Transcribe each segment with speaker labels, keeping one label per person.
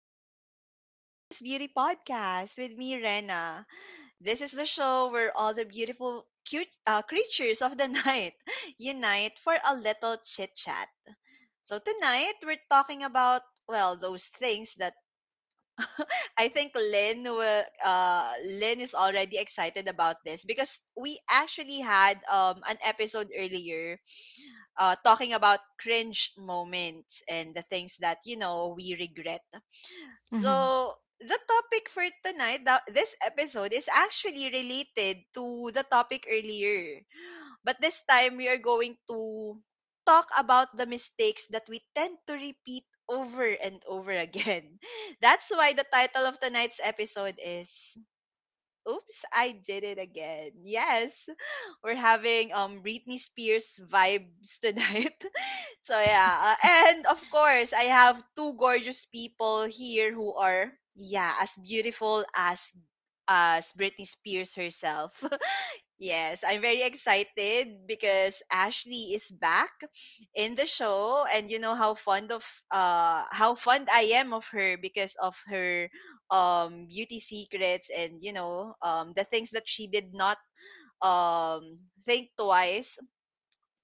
Speaker 1: back to the Sleepless Beauty Podcast with me, Rena. This is the show where all the beautiful, cute creatures of the night unite for a little chit chat. So, tonight we're talking about, well, those things that I think Lynn, will, Lynn is already excited about this because we actually had an episode earlier talking about cringe moments and the things that, we regret.
Speaker 2: Mhm.
Speaker 1: So, the topic for tonight, this episode, is actually related to the topic earlier. But this time, we are going to talk about the mistakes that we tend to repeat over and over again. That's why the title of tonight's episode is Oops, I did it again. Yes, we're having Britney Spears vibes tonight. So yeah, and of course, I have two gorgeous people here who are yeah as beautiful as Britney Spears herself. Yes, I'm very excited because Ashley is back in the show, and you know how fond of how fond I am of her because of her beauty secrets and the things that she did not think twice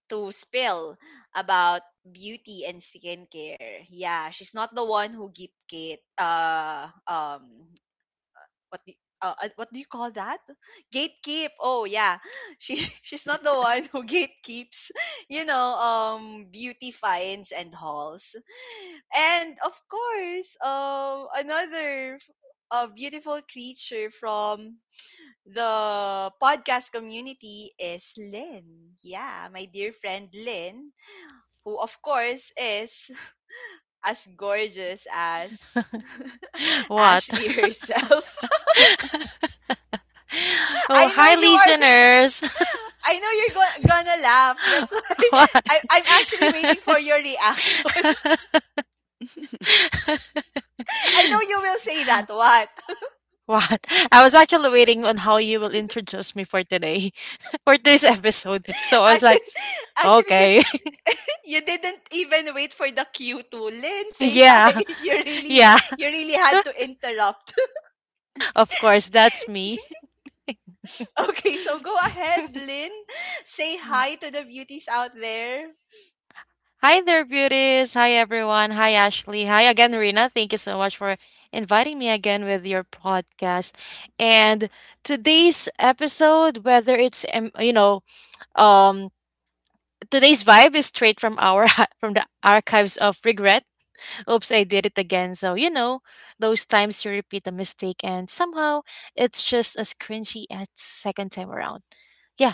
Speaker 1: to spill about beauty and skincare. Yeah, she's not the one who gate what do what do you call that? Gatekeep. Oh yeah, she's not the one who gatekeeps. You know, beauty finds and hauls, and of course, another beautiful creature from the podcast community is Lynn. Yeah, my dear friend Lynn who, of course, is as gorgeous as
Speaker 2: What?
Speaker 1: Ashley herself. I know
Speaker 2: Hi,
Speaker 1: you are.
Speaker 2: listeners.
Speaker 1: I know you're gonna laugh. That's why
Speaker 2: What?
Speaker 1: I'm actually waiting for your reaction. I know you will say that. What?
Speaker 2: What? I was actually waiting on how you will introduce me for today, for this episode. So I was like,
Speaker 1: Actually, actually,
Speaker 2: okay,
Speaker 1: you didn't even wait for the cue to Lynn say hi.
Speaker 2: yeah, yeah,
Speaker 1: You really had to interrupt.
Speaker 2: of course, that's me.
Speaker 1: Okay, so go ahead, Lynn. Say hi to the beauties out there.
Speaker 2: Hi there, beauties. Hi, everyone. Hi, Ashley. Hi again, Rina. Thank you so much for inviting me again with your podcast. And today's episode, whether it's, you know, um, today's vibe is straight from our from the archives of regret. Oops, I did it again. So, you know, those times you repeat a mistake and somehow it's just as cringy as second time around. Yeah.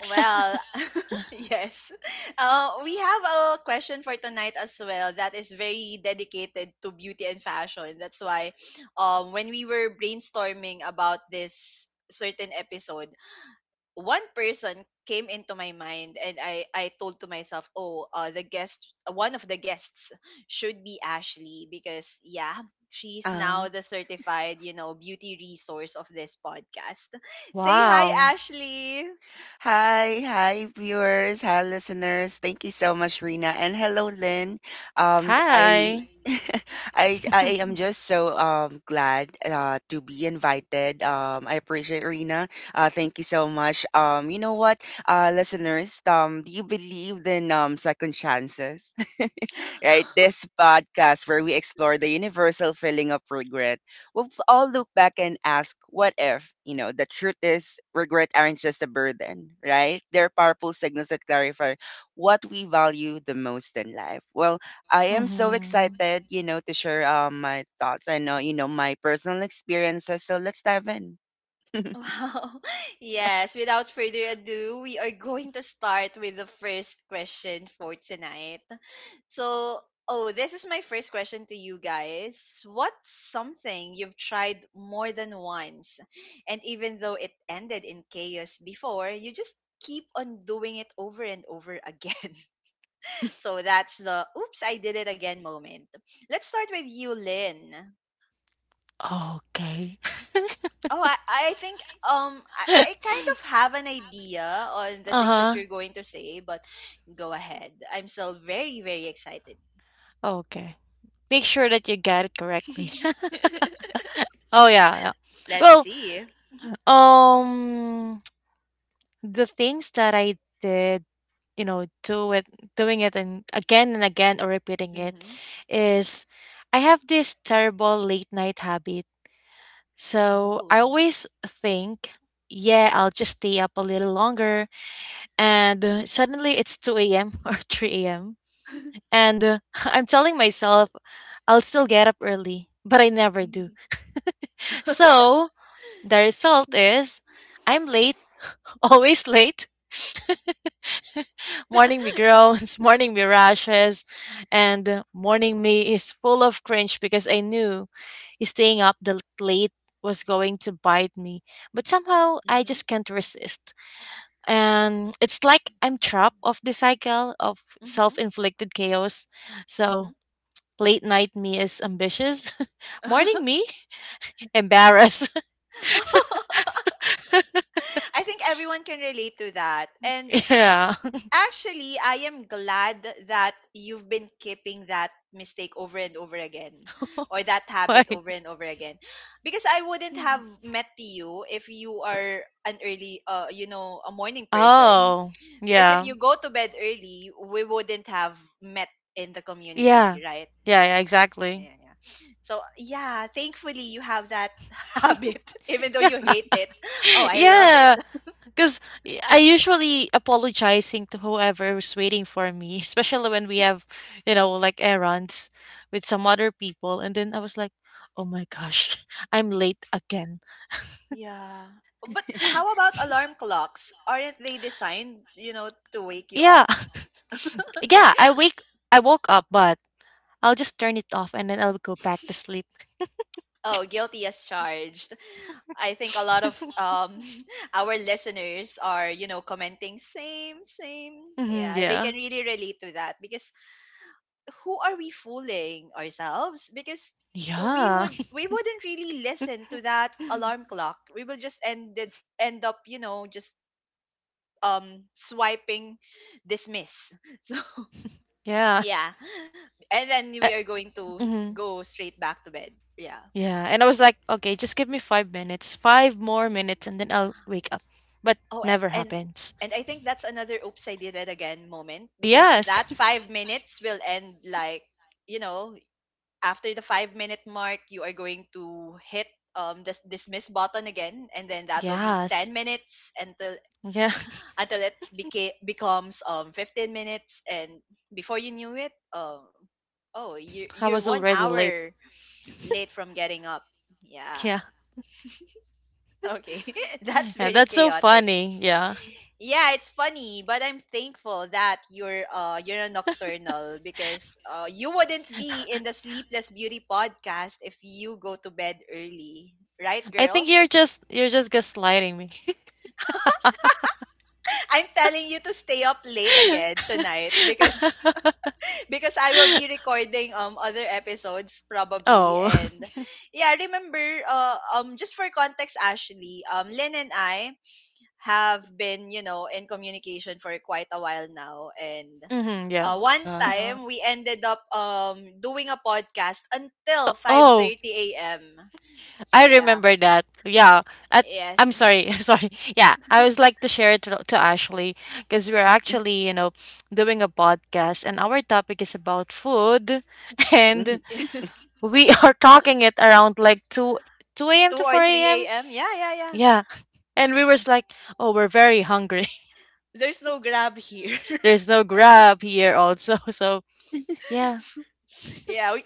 Speaker 1: Well, yes. We have a question for tonight as well that is very dedicated to beauty and fashion. That's why when we were brainstorming about this certain episode, one person came into my mind and I told to myself, oh, the guest, one of the guests should be Ashley because, yeah, she's
Speaker 3: Uh,
Speaker 1: now the certified, beauty resource of this podcast. Say hi,
Speaker 2: Wow.
Speaker 1: Ashley.
Speaker 3: Hi, hi viewers, hi listeners. Thank you so much, Rena, and hello, Lynn. Um, I,
Speaker 2: Hi.
Speaker 3: I am just so glad to be invited. I appreciate Rena. Thank you so much. You know what, listeners, do you believe in second chances? Right, this podcast where we explore the universal feeling of regret. All look back and ask, what if? You know, the truth is, regret aren't just a burden, right? They're powerful signals that clarify what we value the most in life. Well, I am so
Speaker 2: Hmm.
Speaker 3: excited, you know, to share my thoughts. I know, you know, my personal experiences. So let's dive in.
Speaker 1: Wow. Yes, without further ado, we are going to start with the first question for tonight. So, oh, this is my first question to you guys. What's something you've tried more than once? And even though it ended in chaos before, you just keep on doing it over and over again. So that's the oops, I did it again moment. Let's start with you, Lynn.
Speaker 2: Okay.
Speaker 1: Oh, I think I kind of have an idea on the things that
Speaker 2: Uh-huh.
Speaker 1: you're going to say, but go ahead. I'm still very, very excited.
Speaker 2: Okay. Make sure that you got it correctly. Oh yeah, yeah.
Speaker 1: Let's
Speaker 2: Well,
Speaker 1: see.
Speaker 2: um the things that I did, you know, do it doing it and again or repeating it
Speaker 1: Mm-hmm.
Speaker 2: is I have this terrible late night habit. So I
Speaker 1: Oh.
Speaker 2: always think, yeah, I'll just stay up a little longer and suddenly it's 2 a.m. or 3 a.m. And I'm telling myself I'll still get up early, but I never do.
Speaker 1: Mm-hmm.
Speaker 2: So the result is I'm late, always late. Morning me groans, morning me rashes, and morning me is full of cringe because I knew staying up the late was going to bite me. But somehow I just can't resist. And it's like I'm trapped of the cycle of self
Speaker 1: Mm-hmm.
Speaker 2: inflicted chaos.
Speaker 1: Mm-hmm.
Speaker 2: So late night me is ambitious. Morning me? Embarrassed.
Speaker 1: I think everyone can relate to that. And
Speaker 2: Yeah.
Speaker 1: actually, I am glad that you've been keeping that mistake over and over again or that
Speaker 2: Why?
Speaker 1: habit over and over again because I wouldn't have met you if you are an early a morning person,
Speaker 2: Oh,
Speaker 1: because if
Speaker 2: yeah.
Speaker 1: you go to bed early we wouldn't have met in the
Speaker 2: Yeah.
Speaker 1: community, right?
Speaker 2: Yeah, yeah,
Speaker 1: Yeah,
Speaker 2: exactly.
Speaker 1: yeah, yeah. So yeah, thankfully you have that habit, even though you
Speaker 2: Yeah.
Speaker 1: hate it. Oh, I love it.
Speaker 2: Yeah, because I usually apologizing to whoever is waiting for me, especially when we have, you know, like errands with some other people. And then I was like, oh my gosh, I'm late again.
Speaker 1: Yeah. But how about alarm clocks? Aren't they designed, you know, to wake you
Speaker 2: Yeah.
Speaker 1: up? Early?
Speaker 2: Yeah, I woke up, but I'll just turn it off and then I'll go back to sleep.
Speaker 1: Oh, guilty as charged. I think a lot of our listeners are, you know, commenting same, same.
Speaker 2: Hmm,
Speaker 1: Yeah, they
Speaker 2: yeah.
Speaker 1: can really relate to that because who are we fooling ourselves? Because
Speaker 2: Yeah.
Speaker 1: we wouldn't really listen to that alarm clock. We will just end up, you know, just swiping dismiss. So
Speaker 2: Yeah.
Speaker 1: yeah. And then we
Speaker 2: Uh,
Speaker 1: are going to
Speaker 2: mhm.
Speaker 1: go straight back to bed. Yeah.
Speaker 2: Yeah. And I was like, okay, just give me 5 minutes, five more minutes, and then I'll wake up. But
Speaker 1: Oh,
Speaker 2: never happens.
Speaker 1: and I think that's another oops I did it again moment because
Speaker 2: Yes.
Speaker 1: that 5 minutes will end like, you know, after the 5-minute mark you are going to hit this dismiss button again and then that will be
Speaker 2: Yes.
Speaker 1: 10 minutes until
Speaker 2: Yeah.
Speaker 1: it becomes 15 minutes and before you knew it oh you
Speaker 2: I
Speaker 1: you're
Speaker 2: was
Speaker 1: 1
Speaker 2: already late.
Speaker 1: hour late from getting up. Yeah.
Speaker 2: Yeah.
Speaker 1: Okay, that's
Speaker 2: Yeah.
Speaker 1: very
Speaker 2: That's so
Speaker 1: chaotic.
Speaker 2: funny. Yeah.
Speaker 1: Yeah, it's funny, but I'm thankful that you're a nocturnal because you wouldn't be in the Sleepless Beauty podcast if you go to bed early, right,
Speaker 2: I think
Speaker 1: girls?
Speaker 2: you're just gaslighting me.
Speaker 1: I'm telling you to stay up late again tonight because I will be recording other episodes probably,
Speaker 2: Oh.
Speaker 1: and yeah, remember just for context, Ashley, Lynn and I have been, you know, in communication for quite a while now. And
Speaker 2: Hmm, yeah.
Speaker 1: one
Speaker 3: Uh,
Speaker 1: time we ended up doing a podcast until
Speaker 2: Oh.
Speaker 1: 5:30 a.m. So
Speaker 2: I
Speaker 1: yeah.
Speaker 2: remember that. Yeah. At, I'm
Speaker 1: Yes.
Speaker 2: sorry. I'm sorry. Yeah. I was like to share it to Ashley because we're
Speaker 3: mm,
Speaker 2: actually, you know, doing a podcast and our topic is about food
Speaker 3: mhm,
Speaker 2: and
Speaker 1: 2
Speaker 2: we are talking it around like 2 a.m. to
Speaker 1: or
Speaker 2: 4 a.m.
Speaker 1: 3 a.m. Yeah, yeah, yeah.
Speaker 2: Yeah. And we were like, oh, we're very hungry.
Speaker 1: There's no grab here.
Speaker 2: There's no grab here also. So, yeah.
Speaker 1: Yeah, we,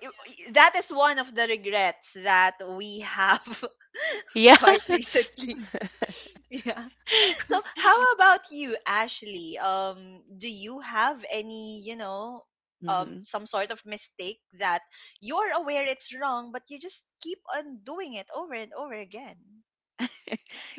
Speaker 1: that is one of the regrets that we have
Speaker 2: Yeah.
Speaker 1: quite recently. Yeah. So, how about you, Ashley? Do you have any, you know,
Speaker 3: mhm.
Speaker 1: some sort of mistake that you're aware it's wrong, but you just keep on doing it over and over again?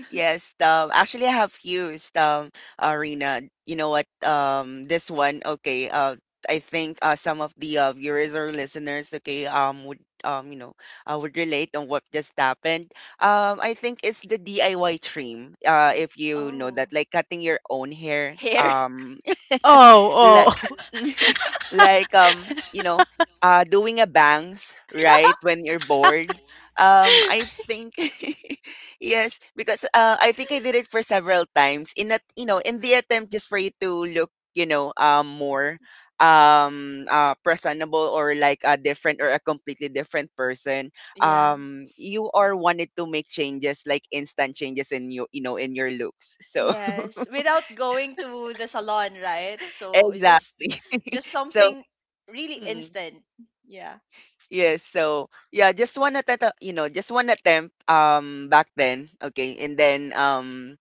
Speaker 3: Yes, actually, I have used Arena. You know what? This one, okay. I think some of the viewers or listeners, okay, um, you know, would relate on what just happened. I think it's the DIY trim. If you know
Speaker 1: Oh,
Speaker 3: that, like cutting your own hair.
Speaker 1: hair.
Speaker 3: Like,
Speaker 2: Oh, oh.
Speaker 3: like um, you know, doing a bangs, right? When you're bored. I think. Yes, because I think I did it for several times, in that, you know, in the attempt, just for you to look, you know, more, presentable, or like a different, or a completely different person.
Speaker 1: Yeah.
Speaker 3: You are wanted to make changes, like instant changes in your, you know, in your looks. So
Speaker 1: Yes. Without
Speaker 3: so
Speaker 1: going to the salon, right? So it's
Speaker 3: exact.
Speaker 1: just
Speaker 3: So,
Speaker 1: something really
Speaker 3: mm,
Speaker 1: instant. Yeah.
Speaker 3: yes. So, yeah, just one attempt, just one attempt back then, okay? And then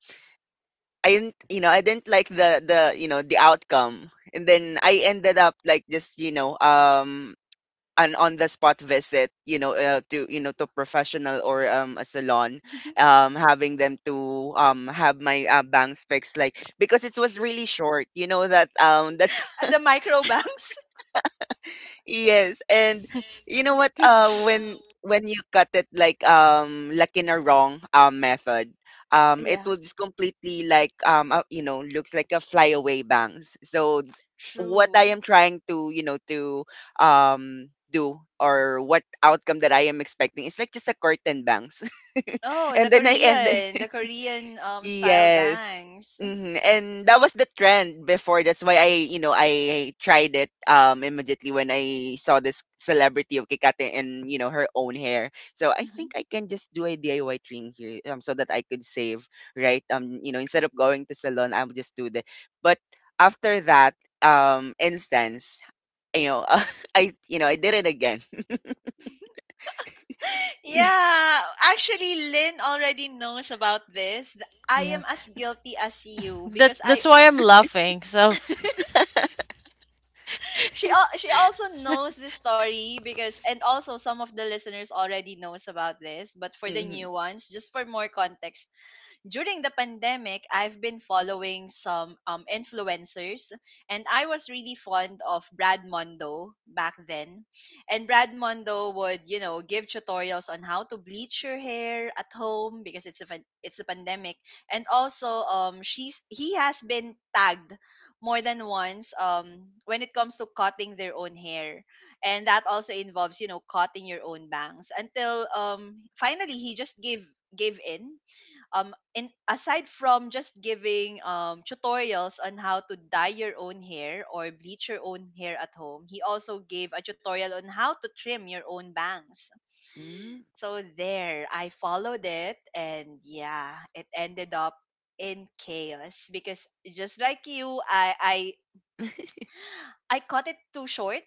Speaker 3: I didn't, you know, I didn't like the you know the outcome, and then I ended up like just an on the spot visit, to you know to professional or a salon, having them to have my bangs fixed, like because it was really short, you know that that's.
Speaker 1: At the microbanks.
Speaker 3: Yes, and you know what? When you cut it like in a wrong method, it
Speaker 1: Yeah.
Speaker 3: will just completely, like, looks like a flyaway bangs. So what I
Speaker 1: True.
Speaker 3: am trying to, you know, to do, or what outcome that I am expecting is like just a curtain bangs,
Speaker 1: Oh,
Speaker 3: and then I end.
Speaker 1: The Korean style
Speaker 3: Yes.
Speaker 1: bangs.
Speaker 3: Mhm, and that was the trend before. That's why I tried it immediately when I saw this celebrity of Kikate and, you know, her own hair. So I
Speaker 1: Mhm.
Speaker 3: think I can just do a DIY trim here so that I could save, right? Instead of going to salon, I would just do that. But after that instance, you know, I did it again.
Speaker 1: Yeah, actually, Lynn already knows about this. I
Speaker 2: Yeah.
Speaker 1: am as guilty as you
Speaker 2: That
Speaker 1: because I
Speaker 2: that's why I'm laughing. So,
Speaker 1: she also knows this story because, and also some of the listeners already knows about this. But for the new ones, just for more context, during the pandemic, I've been following some influencers, and I was really fond of Brad Mondo back then. And Brad Mondo would, you know, give tutorials on how to bleach your hair at home because it's a it's a pandemic. And also, she's he has been tagged more than once when it comes to cutting their own hair, and that also involves, you know, cutting your own bangs, until finally he just gave in. Aside from just giving tutorials on how to dye your own hair or bleach your own hair at home, he also gave a tutorial on how to trim your own bangs.
Speaker 3: Mhm.
Speaker 1: So there I followed it and yeah, it ended up in chaos because just like you, I cut it too short.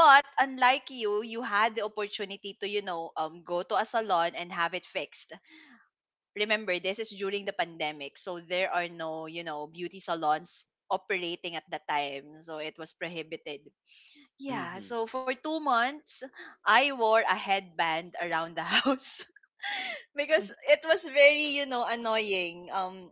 Speaker 1: But unlike you, you had the opportunity to, you know, go to a salon and have it fixed. Remember, this is during the pandemic, so there are no, you know, beauty salons operating at the time, so it was prohibited. Yeah,
Speaker 3: Mhm.
Speaker 1: so for 2 months I wore a headband around the house because it was very, you know, annoying.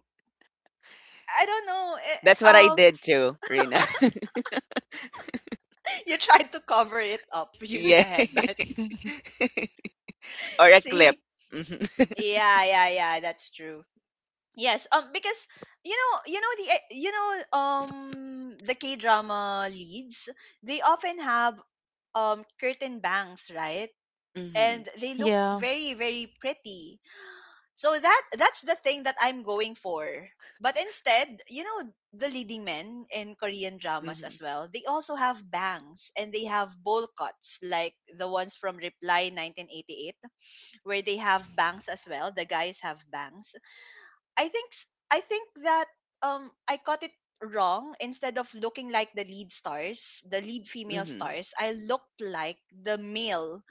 Speaker 1: I don't know eh,
Speaker 3: That's
Speaker 1: eh,
Speaker 3: what I did too, Rina.
Speaker 1: You tried to cover it up using
Speaker 3: Yeah.
Speaker 1: a headband.
Speaker 3: Or a clip.
Speaker 1: See,
Speaker 3: Mhm.
Speaker 1: yeah, yeah, yeah, that's true. Yes, because you know the you know um the K drama leads, they often have curtain bangs, right?
Speaker 3: Mhm.
Speaker 1: And they look
Speaker 2: yeah.
Speaker 1: very, very pretty. So that that's the thing that I'm going for. But instead, you know, the leading men in Korean dramas
Speaker 3: Mhm.
Speaker 1: as well, they also have bangs and they have bowl cuts like the ones from Reply 1988 where they have bangs as well. The guys have bangs. I think that I got it wrong. Instead of looking like the lead stars, the lead female
Speaker 3: Mhm.
Speaker 1: stars, I looked like the male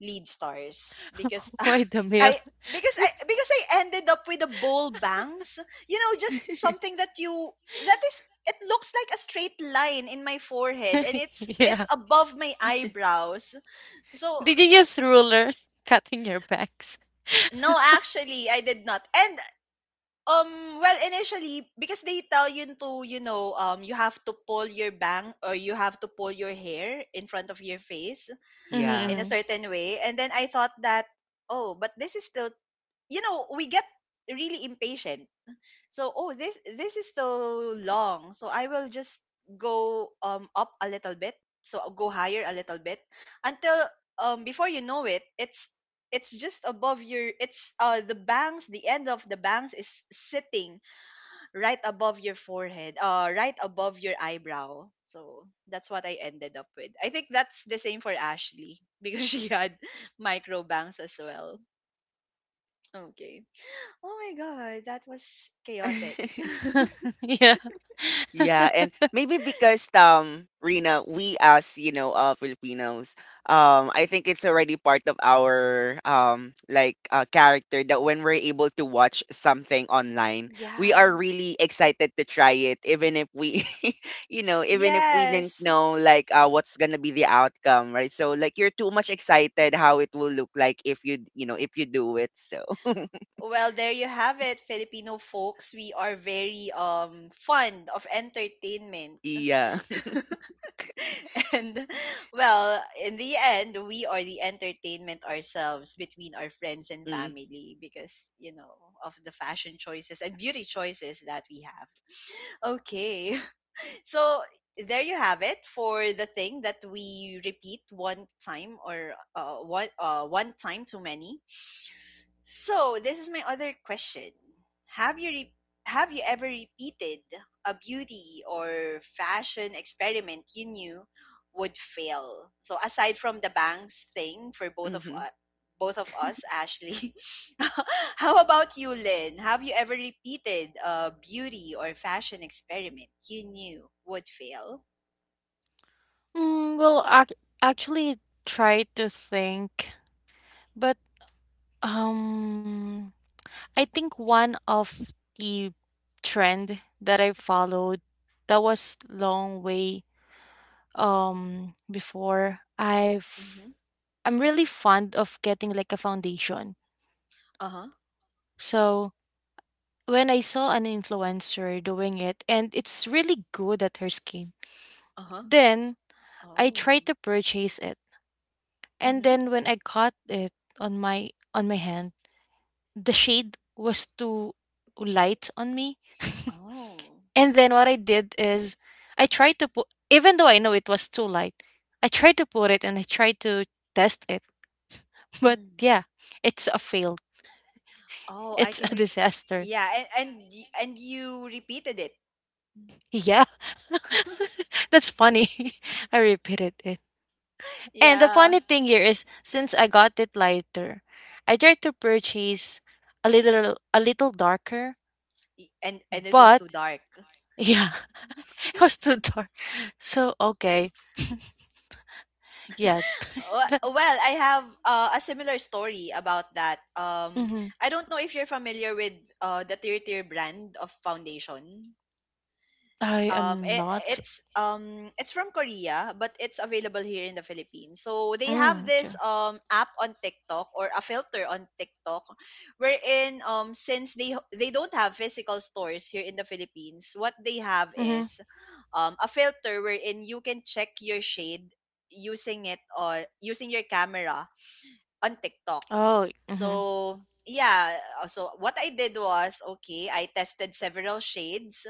Speaker 1: lead stars because
Speaker 2: Why the mill?
Speaker 1: I I because I ended up with the bowl bangs. You know, just something that you that is it looks like a straight line in my forehead and
Speaker 2: Yeah.
Speaker 1: it's above my eyebrows. So
Speaker 2: Did you use ruler cutting your bags?
Speaker 1: no, actually I did not. And well, initially, because they tell you to, you know, you have to pull your bang or you have to pull your hair in front of your face
Speaker 3: Yeah.
Speaker 1: in a
Speaker 2: Mm-hmm.
Speaker 1: certain way. And then I thought that, oh, but this is still, you know, we get really impatient. So, oh, this is still long. So I will just go up a little bit. So I'll go higher a little bit until before you know it, it's just above your it's the bangs, the end of the bangs is sitting right above your forehead, right above your eyebrow. So that's what I ended up with. I think that's the same for Ashley because she had micro bangs as well. Okay. Oh my god, that was chaotic.
Speaker 2: Yeah.
Speaker 3: Yeah, and maybe because Rena, we as you know Filipinos, I think it's already part of our like character, that when we're able to watch something online, we are
Speaker 1: Yeah.
Speaker 3: really excited to try it, even if we, you know, even if we didn't
Speaker 1: Yes.
Speaker 3: know like what's gonna be the outcome, right? So like you're too much excited how it will look like if you do it. So
Speaker 1: Well, there you have it, Filipino folks. We are very fond of entertainment.
Speaker 3: yeah,
Speaker 1: And well, in the end, we are the entertainment ourselves between our friends and
Speaker 3: mm,
Speaker 1: family because, you know, of the fashion choices and beauty choices that we have. Okay. So there you have it for the thing that we repeat one time or one time too many. So this is my other question. Have you re- have you ever repeated a beauty or fashion experiment you knew would fail? So aside from the bangs thing for
Speaker 3: mm-hmm.
Speaker 1: both of us, Ashley. How about you, Lynn? Have you ever repeated a beauty or fashion experiment you knew would fail?
Speaker 2: Mm, well, actually, try to think, but um, I think one of the trend that I followed that was long way before
Speaker 1: Mhm.
Speaker 2: I'm really fond of getting like a foundation.
Speaker 1: Uh-huh.
Speaker 2: So when I saw an influencer doing it and it's really good at her skin,
Speaker 1: Uh-huh.
Speaker 2: then I
Speaker 1: Oh.
Speaker 2: tried to purchase it. And
Speaker 1: Mhm.
Speaker 2: then when I got it on my hand, the shade was too light on me.
Speaker 1: Oh.
Speaker 2: And then what I did is I tried to put even though I know it was too light, I tried to put it and I tried to test it. But
Speaker 1: Mm.
Speaker 2: yeah, it's a fail.
Speaker 1: Oh,
Speaker 2: It's a disaster.
Speaker 1: Yeah, and you repeated it.
Speaker 2: Yeah, that's funny. I repeated it. And the
Speaker 1: Yeah.
Speaker 2: funny thing here is since I got it lighter, I tried to purchase a little darker,
Speaker 1: And it was
Speaker 2: but
Speaker 1: too dark.
Speaker 2: yeah, it was too dark. So okay, yeah.
Speaker 1: Well, I have a similar story about that.
Speaker 2: Mm-hmm.
Speaker 1: I don't know if you're familiar with the Tear Tear brand of foundation.
Speaker 2: I
Speaker 1: Um,
Speaker 2: am
Speaker 1: it,
Speaker 2: not.
Speaker 1: it's it's from Korea, but it's available here in the Philippines. So they have
Speaker 2: Mm,
Speaker 1: this
Speaker 2: okay.
Speaker 1: app on TikTok or a filter on TikTok, wherein since they don't have physical stores here in the Philippines, what they have
Speaker 2: Mm-hmm.
Speaker 1: is a filter wherein you can check your shade using it or using your camera on TikTok.
Speaker 2: Oh. Mm-hmm.
Speaker 1: So yeah, so what I did was, okay, I tested several shades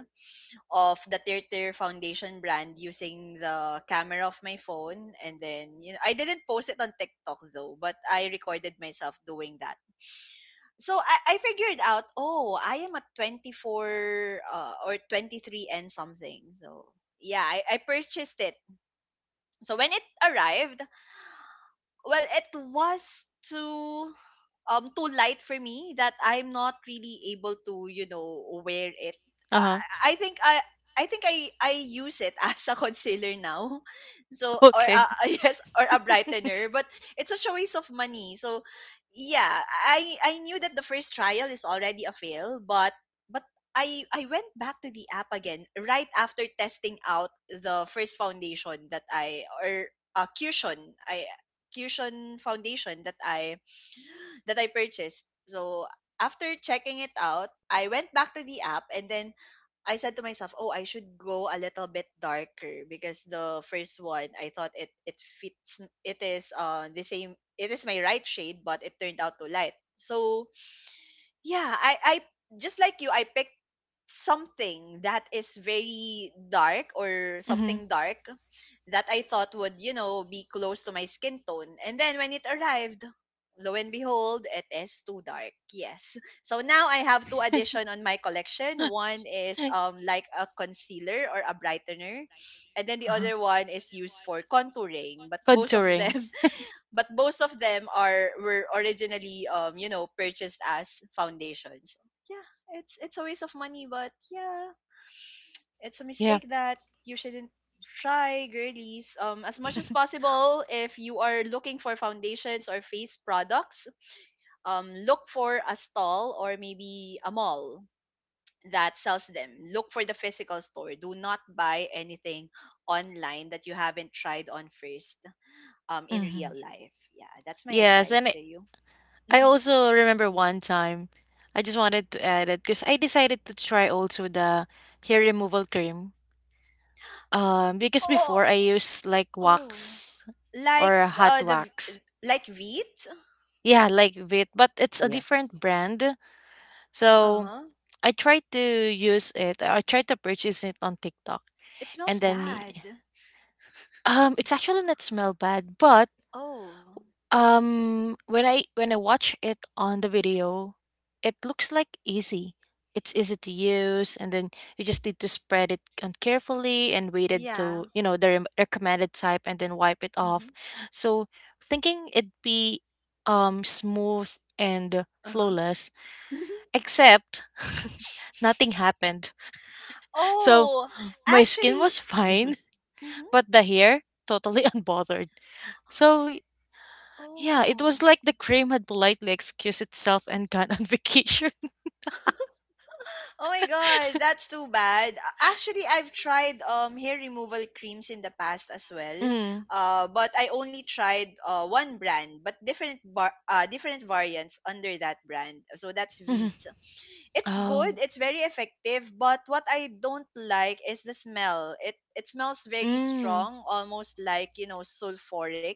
Speaker 1: of the Tirtir Foundation brand using the camera of my phone. And then, you know, I didn't post it on TikTok though, but I recorded myself doing that. So I figured out, oh, I am at 24 or 23 and something. So yeah, I purchased it. So when it arrived, well, it was to too light for me that I'm not really able to, you know, wear it.
Speaker 2: Uh
Speaker 1: Uh,
Speaker 2: huh.
Speaker 1: I think I. I think I use it as a concealer now, so
Speaker 2: Okay.
Speaker 1: yes, or a brightener, but it's such a waste of money. So yeah, I knew that the first trial is already a fail, but but I went back to the app again right after testing out the first foundation that I or a cushion foundation that I purchased. So after checking it out, I went back to the app and then I said to myself, "Oh, I should go a little bit darker because the first one I thought it fits, it is the same, it is my right shade, but it turned out to light." So, yeah, I just like you, I picked something that is very dark or
Speaker 2: Mm-hmm.
Speaker 1: something dark that I thought would, you know, be close to my skin tone. And then when it arrived, lo and behold, it is too dark. Yes. So now I have two addition on my collection. One is like a concealer or a brightener, and then the
Speaker 2: Uh-huh.
Speaker 1: other one is used for contouring. But both of
Speaker 2: Contouring.
Speaker 1: them, but most of them are, were originally you know, purchased as foundations. Yeah, it's a waste of money, but yeah, it's a
Speaker 2: Yeah.
Speaker 1: mistake that you shouldn't try, girlies. As much as possible, if you are looking for foundations or face products, look for a stall or maybe a mall that sells them. Look for the physical store. Do not buy anything online that you haven't tried on first, in real
Speaker 2: Mm-hmm.
Speaker 1: life. Yeah, that's my
Speaker 2: Yes, and
Speaker 1: advice to you.
Speaker 2: I
Speaker 1: Mhm.
Speaker 2: also remember one time, I just wanted to add it because I decided to try also the hair removal cream. Because
Speaker 1: Oh,
Speaker 2: before I used like
Speaker 1: oh,
Speaker 2: wax
Speaker 1: like
Speaker 2: or a hot wax.
Speaker 1: like wheat.
Speaker 2: Yeah, like Vit, but it's a
Speaker 3: Yeah,
Speaker 2: different brand.
Speaker 1: Uh
Speaker 2: So
Speaker 1: huh.
Speaker 2: I tried to use it. I tried to purchase it on TikTok,
Speaker 1: It
Speaker 2: and
Speaker 1: smells
Speaker 2: then y-
Speaker 1: bad.
Speaker 2: it's actually not smell bad, but
Speaker 1: Oh,
Speaker 2: When I watch it on the video, it looks like easy. It's easy to use, and then you just need to spread it on carefully and wait it
Speaker 1: yeah.
Speaker 2: to you know the recommended type, and then wipe it
Speaker 1: Mm-hmm.
Speaker 2: off. So thinking it'd be smooth and
Speaker 1: Uh huh.
Speaker 2: flawless, except nothing happened. So
Speaker 1: Oh,
Speaker 2: my skin
Speaker 1: actually.
Speaker 2: was fine,
Speaker 1: Mm-hmm.
Speaker 2: but the hair totally unbothered. So yeah, it was
Speaker 1: Oh,
Speaker 2: like the cream had politely excused itself and gone on vacation.
Speaker 1: oh my God, that's too bad. Actually, I've tried hair removal creams in the past as well.
Speaker 2: Mm.
Speaker 1: But I only tried one brand, but different variants under that brand. So that's
Speaker 2: Mhm.
Speaker 1: Veet. it's
Speaker 2: Oh.
Speaker 1: good, It's very effective, but what I don't like is the smell. It smells very
Speaker 2: Mm.
Speaker 1: strong, almost like, you know, sulfuric.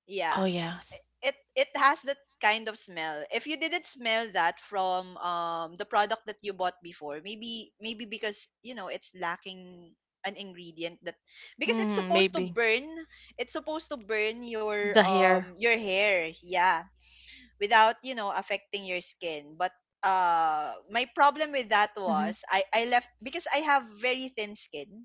Speaker 1: Yeah.
Speaker 2: Oh yeah.
Speaker 1: It has that kind of smell. If you didn't smell that from the product that you bought before, maybe, maybe because, you know, it's lacking an ingredient that, because it's
Speaker 2: Mm,
Speaker 1: supposed to
Speaker 2: maybe
Speaker 1: burn, it's supposed to burn
Speaker 2: the hair.
Speaker 1: your hair, yeah, without, you know, affecting your skin. But my problem with that
Speaker 2: Mm-hmm.
Speaker 1: was I left because I have very thin skin,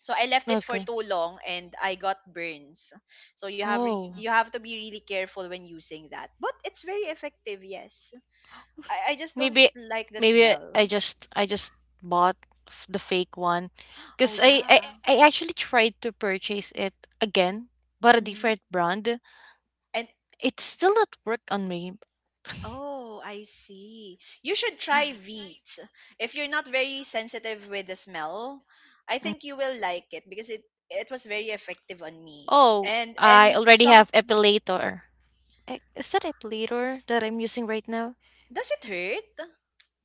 Speaker 1: so I left it for
Speaker 2: Okay.
Speaker 1: too long and I got burns. So
Speaker 2: Oh,
Speaker 1: you have to be really careful when using that, but it's very effective. Yes, I just don't
Speaker 2: maybe
Speaker 1: like the smell.
Speaker 2: I just bought the fake one
Speaker 1: Oh
Speaker 2: because I
Speaker 1: yeah.
Speaker 2: I actually tried to purchase it again, but a
Speaker 1: Hmm.
Speaker 2: different brand.
Speaker 1: And
Speaker 2: It's still not work on me.
Speaker 1: oh, I see. You should try wheat. If you're not very sensitive with the smell, I
Speaker 2: Mm.
Speaker 1: think you will like it because it was very effective on me.
Speaker 2: Oh, I
Speaker 1: And
Speaker 2: already
Speaker 1: some,
Speaker 2: have epilator. Eh, is that a pleater that I'm using right now?
Speaker 1: does it hurt?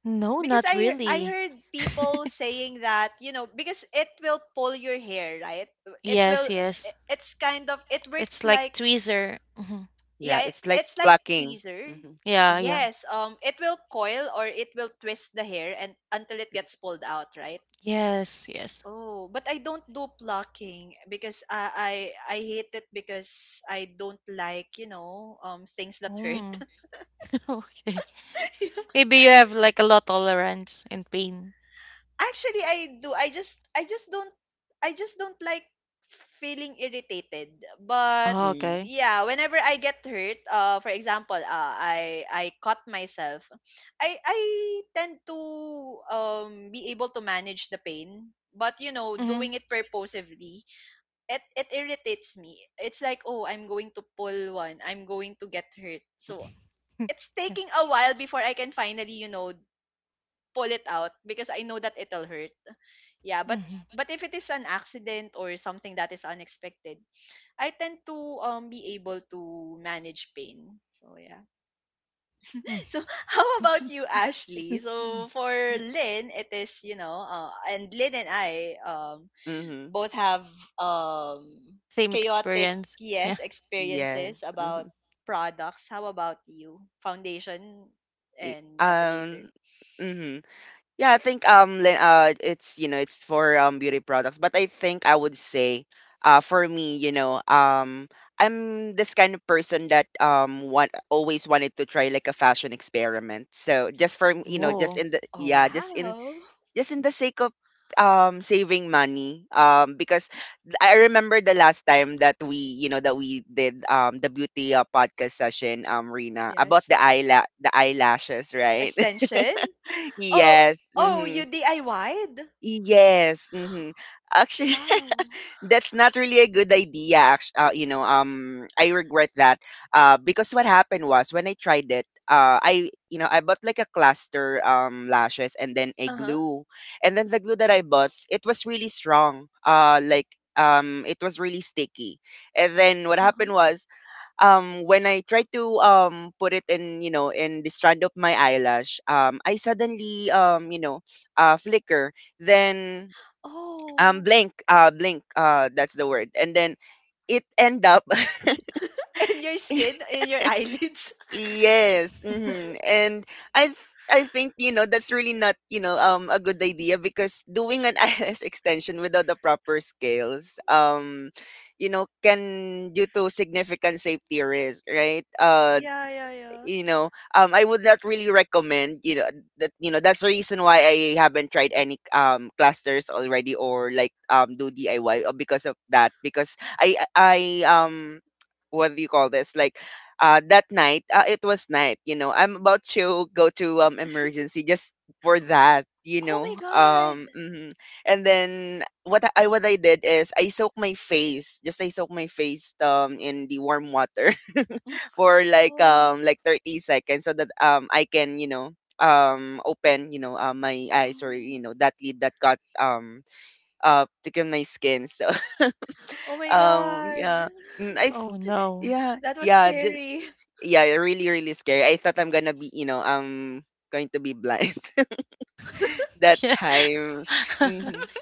Speaker 2: No,
Speaker 1: Because
Speaker 2: not
Speaker 1: I
Speaker 2: really.
Speaker 1: heard people saying that, you know, because it will pull your hair, right? It
Speaker 2: Yes,
Speaker 1: will,
Speaker 2: yes.
Speaker 1: it's kind of, it works
Speaker 2: It's like
Speaker 1: like,
Speaker 2: tweezer. Hmm.
Speaker 1: yeah,
Speaker 3: yeah,
Speaker 1: it,
Speaker 3: it's like
Speaker 1: it's like
Speaker 3: plucking.
Speaker 1: tweezer.
Speaker 3: Hmm.
Speaker 2: Yeah, yeah.
Speaker 1: Yes, it will coil or it will twist the hair and until it gets pulled out, right?
Speaker 2: Yes, yes.
Speaker 1: Oh, but I don't do plucking because I hate it because I don't like, you know, things that hurt.
Speaker 2: Mm. Okay. Maybe you have like a low tolerance in pain.
Speaker 1: Actually, I do. I just don't like feeling irritated. But
Speaker 2: Oh,
Speaker 3: Mm,
Speaker 2: okay.
Speaker 1: yeah, whenever I get hurt, for example, I cut myself. I tend to be able to manage the pain, but you know,
Speaker 2: Mm-hmm.
Speaker 1: doing it purposively, it irritates me. It's like, oh, I'm going to pull one. I'm going to get hurt. So it's taking
Speaker 2: Yes.
Speaker 1: a while before I can finally, you know, pull it out because I know that it'll hurt. Yeah, but
Speaker 2: Mm-hmm.
Speaker 1: but if it is an accident or something that is unexpected, I tend to be able to manage pain. So yeah. So how about you, Ashley? So for Lynn, it is, you know, and Lynn and I
Speaker 3: mhm.
Speaker 1: both have um,
Speaker 2: Same
Speaker 1: chaotic,
Speaker 2: experience. Yeah.
Speaker 1: yes, experiences
Speaker 3: Yes.
Speaker 1: about
Speaker 3: Mhm.
Speaker 1: products. How about you? Foundation
Speaker 3: Y-
Speaker 1: and epilator.
Speaker 3: Um. Mhm. Yeah, I think it's, you know, it's for beauty products, but I think I would say for me, you know, I'm this kind of person that want always wanted to try like a fashion experiment. So just for just
Speaker 2: Oh.
Speaker 3: in the,
Speaker 1: Oh
Speaker 3: yeah, just in,
Speaker 1: wow.
Speaker 3: just in the sake of saving money, because I remember the last time that we did the beauty podcast session, Rina, about
Speaker 1: Yes.
Speaker 3: the eyelashes, right?
Speaker 1: Extension. Oh,
Speaker 3: Yes.
Speaker 1: oh,
Speaker 3: Mm-hmm.
Speaker 1: you DIY'd?
Speaker 3: Yes. Mm-hmm. Actually,
Speaker 1: Wow.
Speaker 3: that's not really a good idea, I regret that, because what happened was, when I tried it, I you know I bought like a cluster lashes, and then a
Speaker 1: Uh-huh.
Speaker 3: glue. And then the glue that I bought, it was really strong, like, it was really sticky. And then what
Speaker 1: Uh-huh.
Speaker 3: happened was, when I tried to, put it in, you know, in the strand of my eyelash, I suddenly, flicker, then,
Speaker 1: Oh.
Speaker 3: blank, that's the word, and then it end up.
Speaker 1: In your skin, in your eyelids.
Speaker 3: Yes. Hmm, and i th- I think, you know, that's really not, a good idea, because doing an ILS extension without the proper scales, can due to significant safety risk, right?
Speaker 1: Yeah, yeah, yeah.
Speaker 3: I would not really recommend, that's the reason why I haven't tried any clusters already, or like do DIY, because of that, because I what do you call this, like that night, it was night, you know, I'm about to go to emergency, just for that, you
Speaker 1: Oh my
Speaker 3: know.
Speaker 1: god.
Speaker 3: Mhm. And then what I did is, I soaked my face in the warm water
Speaker 1: Mm.
Speaker 3: for
Speaker 1: Oh.
Speaker 3: like 30 seconds, so that, I can, you know, open, you know, my eyes, or
Speaker 1: Oh.
Speaker 3: you know that lead that got taken my skin. So
Speaker 1: Oh my god.
Speaker 3: yeah. Mm,
Speaker 2: Oh no.
Speaker 3: yeah,
Speaker 1: That was
Speaker 3: yeah, just,
Speaker 1: scary.
Speaker 3: yeah, really, really scary. I thought I'm going to be, you know, going to be blind that
Speaker 2: Yeah.
Speaker 3: time.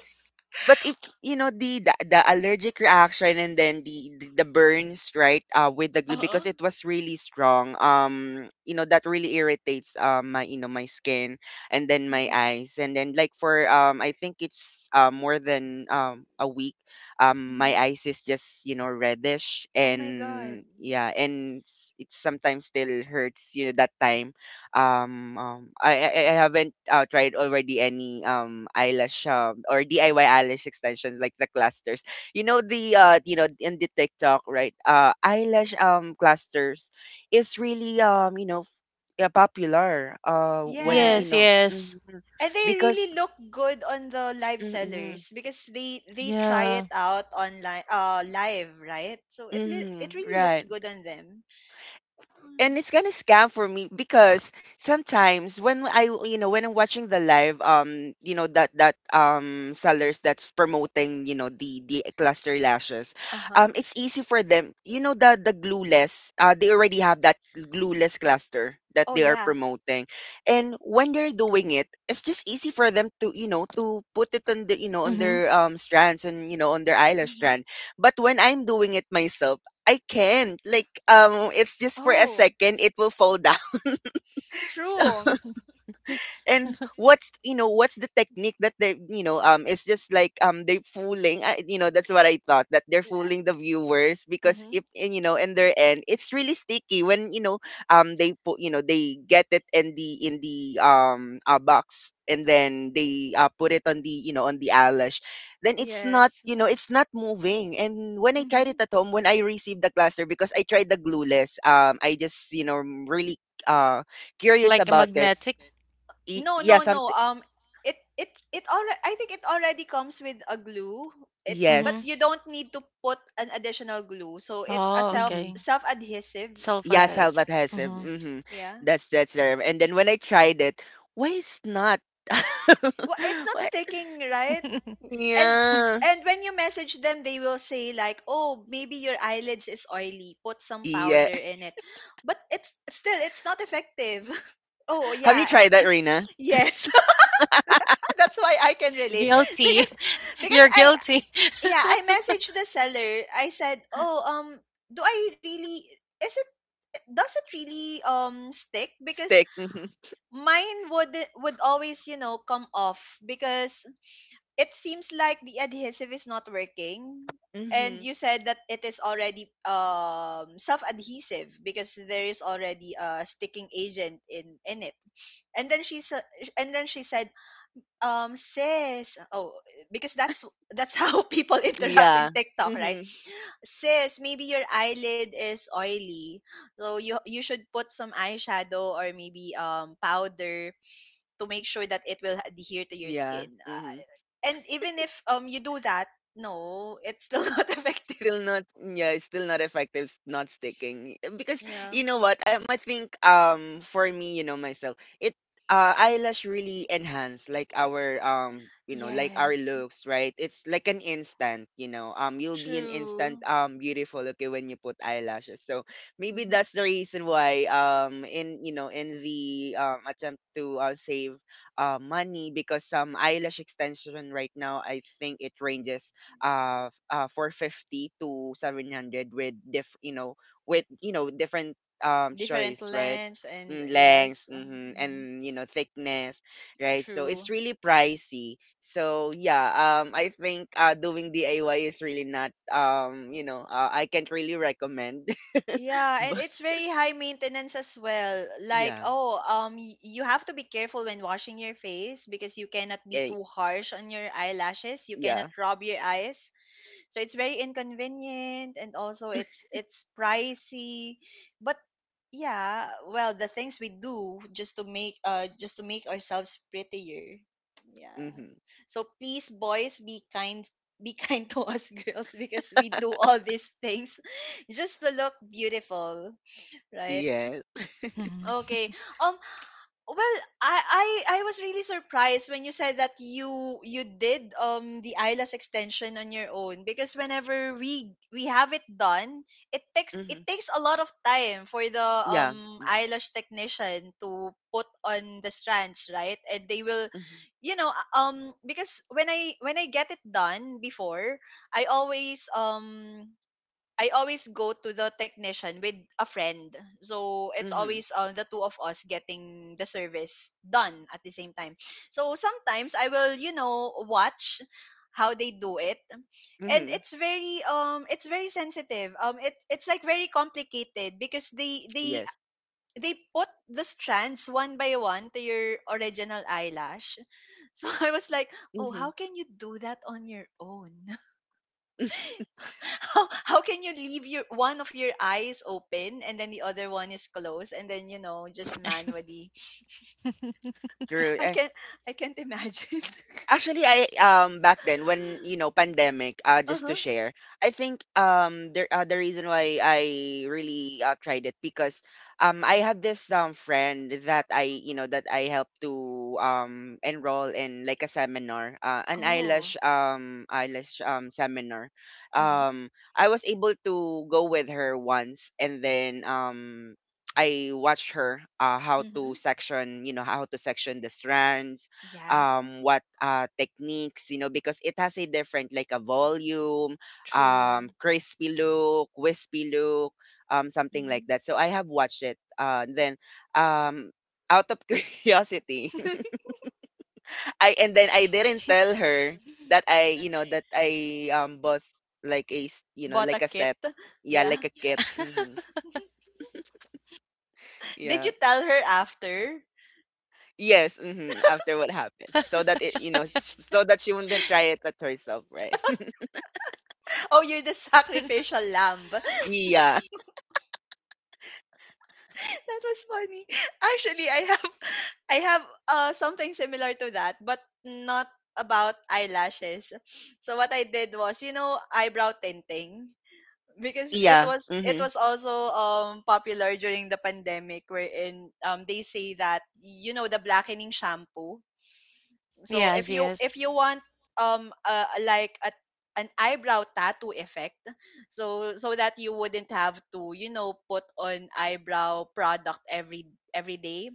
Speaker 3: But if you know the allergic reaction, and then the burns, right? With the glue,
Speaker 1: Uh-huh.
Speaker 3: because it was really strong, that really irritates, my, you know, my skin, and then my
Speaker 1: Mhm,
Speaker 3: eyes. And then, like, for I think it's, more than a week, my
Speaker 1: mhm.
Speaker 3: eyes is just, you know, reddish.
Speaker 1: Oh my God.
Speaker 3: And yeah, and it sometimes still hurts, you know, that time. I haven't tried already any eyelash, or DIY eyelash extensions like the clusters. You know the, in the TikTok, right? Eyelash clusters is really, you know, yeah, popular, when you
Speaker 2: Yes,
Speaker 1: Yes.
Speaker 3: know
Speaker 2: yes.
Speaker 3: mhm.
Speaker 1: And they
Speaker 3: Because
Speaker 1: really look good on the live
Speaker 3: mm-hmm,
Speaker 1: sellers because they try it
Speaker 2: Yeah.
Speaker 1: out online live, right? So it
Speaker 3: mm-hmm,
Speaker 1: really looks
Speaker 3: right.
Speaker 1: good on them.
Speaker 3: And
Speaker 1: Mm.
Speaker 3: it's kind of scam for me, because sometimes when I'm watching the live, that sellers that's promoting, you know, the cluster lashes.
Speaker 1: Uh-huh.
Speaker 3: It's easy for them, you know, the glueless, they already have that glueless cluster that
Speaker 1: Oh
Speaker 3: they are
Speaker 1: yeah.
Speaker 3: promoting. And when they're doing it, it's just easy for them to, you know, to put it on the, you know, on
Speaker 2: Mm-hmm.
Speaker 3: their strands, and you know, on their eyelash
Speaker 1: Mm-hmm.
Speaker 3: strand. But when I'm doing it myself, I can't. Like, it's just for a
Speaker 1: Oh,
Speaker 3: second it will fall down.
Speaker 1: true.
Speaker 3: And what's you know what's the technique that they, you know, it's just like, they fooling, you know, that's what I thought, that they're fooling the viewers. Because
Speaker 1: Mm-hmm.
Speaker 3: if, and, you know, in their end it's really sticky, when, you know, they put, you know, they get it in the box, and then they put it on the, you know, on the eyelash. Then it's not
Speaker 1: Yes.
Speaker 3: you know it's not moving. And when I tried it
Speaker 1: Mm-hmm.
Speaker 3: at home, when I received the cluster, because I tried the glueless, I just, you know, really uh curious
Speaker 2: Like a
Speaker 3: about it.
Speaker 2: magnetic?
Speaker 3: Y
Speaker 1: No,
Speaker 3: Yeah,
Speaker 1: no, no.
Speaker 3: something.
Speaker 1: It already, I think it already comes with a glue. It's, but
Speaker 2: Mm-hmm.
Speaker 3: Yes.
Speaker 1: you don't need to put an additional glue. So it's a
Speaker 2: Oh,
Speaker 1: self
Speaker 3: Mhm.
Speaker 2: okay.
Speaker 1: self adhesive.
Speaker 2: Self
Speaker 3: Yeah,
Speaker 1: La,
Speaker 2: others.
Speaker 3: salvatasim.
Speaker 2: Mm-hmm.
Speaker 3: Mhm.
Speaker 1: yeah.
Speaker 3: That's the. And then when I tried it, why is not?
Speaker 1: Well, it's not
Speaker 3: What?
Speaker 1: sticking, right? And
Speaker 3: Yeah.
Speaker 1: and when you message them, they will say like, "Oh, maybe your eyelids is oily. Put some
Speaker 3: Yeah.
Speaker 1: powder in it." But it's still, it's not effective. Oh
Speaker 3: Have you
Speaker 1: yeah,
Speaker 3: tried that, Reina?
Speaker 1: yes. That's why I can relate
Speaker 2: Guilty.
Speaker 1: because because
Speaker 2: You're
Speaker 1: I
Speaker 2: guilty.
Speaker 1: yeah, I messaged the seller. I said, "Oh, do I really, is it, does it really stick because
Speaker 3: Stick. Mhm.
Speaker 1: mine would always, you know, come off because it seems like the adhesive is not working." And
Speaker 3: Mhm.
Speaker 1: you said that it is already self-adhesive because there is already a sticking agent in it. And then she said, sis, oh, because that's how people interact in
Speaker 3: Yeah.
Speaker 1: TikTok, right?
Speaker 3: Mhm.
Speaker 1: Sis, maybe your eyelid is oily. So you should put some eyeshadow or maybe powder to make sure that it will adhere to your
Speaker 3: Yeah.
Speaker 1: skin.
Speaker 3: Mhm.
Speaker 1: And even if you do that, no, it's still not effective.
Speaker 3: Still not, effective, not sticking, because
Speaker 1: Yeah.
Speaker 3: you know what, I think, for me, you know, myself, it eyelash really enhance like our, you know, like our
Speaker 1: Yes.
Speaker 3: looks, right? It's like an instant, you'll be an instant,
Speaker 1: True.
Speaker 3: beautiful, okay, when you put eyelashes. So maybe
Speaker 1: Mhm.
Speaker 3: that's the reason why, in, you know, in the, attempt to save money, because some eyelash extension right now, I think it ranges 450 to 700 with different
Speaker 1: Different
Speaker 3: choice, right?
Speaker 1: lens and
Speaker 3: Lengths,
Speaker 1: yes.
Speaker 3: mhm,
Speaker 1: Mhm.
Speaker 3: and, thickness, right? So it's
Speaker 1: True.
Speaker 3: really pricey. So yeah, I think, doing DIY is really not, I can't really recommend.
Speaker 1: Yeah, and
Speaker 3: But
Speaker 1: it's very high maintenance as well. Like,
Speaker 3: yeah.
Speaker 1: oh, you have to be careful when washing your face because you cannot be
Speaker 3: eh,
Speaker 1: too harsh on your eyelashes. You cannot
Speaker 3: yeah.
Speaker 1: rub your eyes. So it's very inconvenient, and also it's pricey. But yeah, well, the things we do just to make ourselves prettier. Yeah.
Speaker 3: Mm-hmm.
Speaker 1: So please, boys, be kind, be kind to us girls because we do all these things just to look beautiful, right?
Speaker 3: Yes.
Speaker 2: Mhm.
Speaker 1: Okay. Um. Well, I was really surprised when you said that you did the eyelash extension on your own because whenever we have it done, it takes
Speaker 3: Mm-hmm.
Speaker 1: it takes a lot of time for the
Speaker 3: Yeah. Mm-hmm.
Speaker 1: eyelash technician to put on the strands, right? And they will,
Speaker 3: Mm-hmm.
Speaker 1: you know, because when I, when I get it done before, I always um I always go to the technician with a friend. So it's
Speaker 3: Mm-hmm.
Speaker 1: always the two of us getting the service done at the same time. So sometimes I will, watch how they do it. And
Speaker 3: Mm-hmm,
Speaker 1: it's very sensitive. It's like very complicated because they they
Speaker 3: yes.
Speaker 1: they put the strands one by one to your original eyelash. So I was like, "Oh, how
Speaker 3: Mm-hmm.
Speaker 1: can you do that on your own?" How can you leave your one of your eyes open and then the other one is closed and then just manually?
Speaker 3: True.
Speaker 1: i can't I can't imagine.
Speaker 3: Actually, I, back then when, you know, pandemic, just
Speaker 1: Uh-huh.
Speaker 3: to share, I think, the reason why I really, tried it, because I had this friend that, I you know that I helped to enroll in like a seminar, an
Speaker 1: Oh.
Speaker 3: eyelash seminar.
Speaker 1: Mm-hmm,
Speaker 3: I was able to go with her once, and then I watched her, how
Speaker 1: mm-hmm.
Speaker 3: to section, you know, how to section the strands,
Speaker 1: Yeah.
Speaker 3: what techniques, you know, because it has a different, like a volume,
Speaker 1: True.
Speaker 3: crispy look, wispy look, something
Speaker 1: Mm-hmm.
Speaker 3: like that. So I have watched it. Then um, out of curiosity, I and then I didn't tell her that, I bought like a,
Speaker 1: Bought a
Speaker 3: like a
Speaker 1: kit.
Speaker 3: set. Yeah,
Speaker 1: Yeah.
Speaker 3: like a kit. Hmm.
Speaker 1: Did you
Speaker 3: Yeah.
Speaker 1: tell her after?
Speaker 3: Yes. Hmm. After what happened, so that it, you know, so that she wouldn't try it at herself, right?
Speaker 1: Oh, you're the sacrificial lamb.
Speaker 3: Yeah.
Speaker 1: That was funny. Actually, I have something similar to that, but not about eyelashes. So what I did was, eyebrow tinting, because it
Speaker 3: Yeah.
Speaker 1: was it
Speaker 3: Mhm.
Speaker 1: was also popular during the pandemic, wherein they say that the blackening shampoo. So
Speaker 2: Yes,
Speaker 1: if you
Speaker 2: yes.
Speaker 1: if you want like a an eyebrow tattoo effect, so that you wouldn't have to put on eyebrow product every day,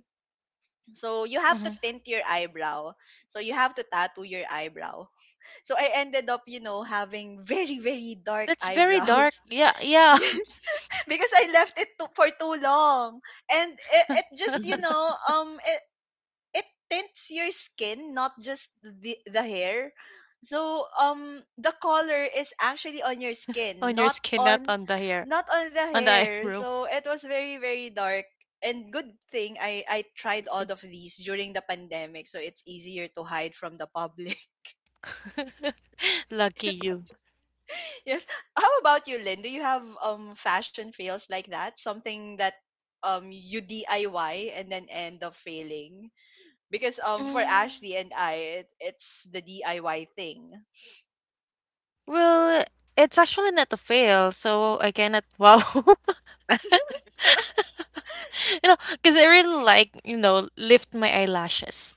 Speaker 1: so you have to
Speaker 2: Hmm.
Speaker 1: tint your eyebrow. So you have to tattoo your eyebrow. So I ended up, having very, very dark
Speaker 2: That's very dark.
Speaker 1: eyebrows.
Speaker 2: Yeah, yeah.
Speaker 1: Yes, because I left it for too long, and
Speaker 3: Mhm.
Speaker 1: um it tints your skin, not just the hair. So the color is actually on your skin,
Speaker 2: On your
Speaker 1: not
Speaker 2: skin, not
Speaker 1: on
Speaker 2: on the hair,
Speaker 1: the
Speaker 2: on the
Speaker 1: hair.
Speaker 2: eyebrow.
Speaker 1: So it was very very dark. And good thing I tried all of these during the pandemic, so it's easier to hide from the public.
Speaker 2: Lucky you.
Speaker 1: Yes. How about you, Lynn? Do you have fashion fails like that? Something that you DIY and then end up failing? Because for
Speaker 2: Mm.
Speaker 1: Ashley and I, it's the DIY thing.
Speaker 2: Well, it's actually not a fail, so I cannot wow. You know, because I really like, you know, lift my eyelashes.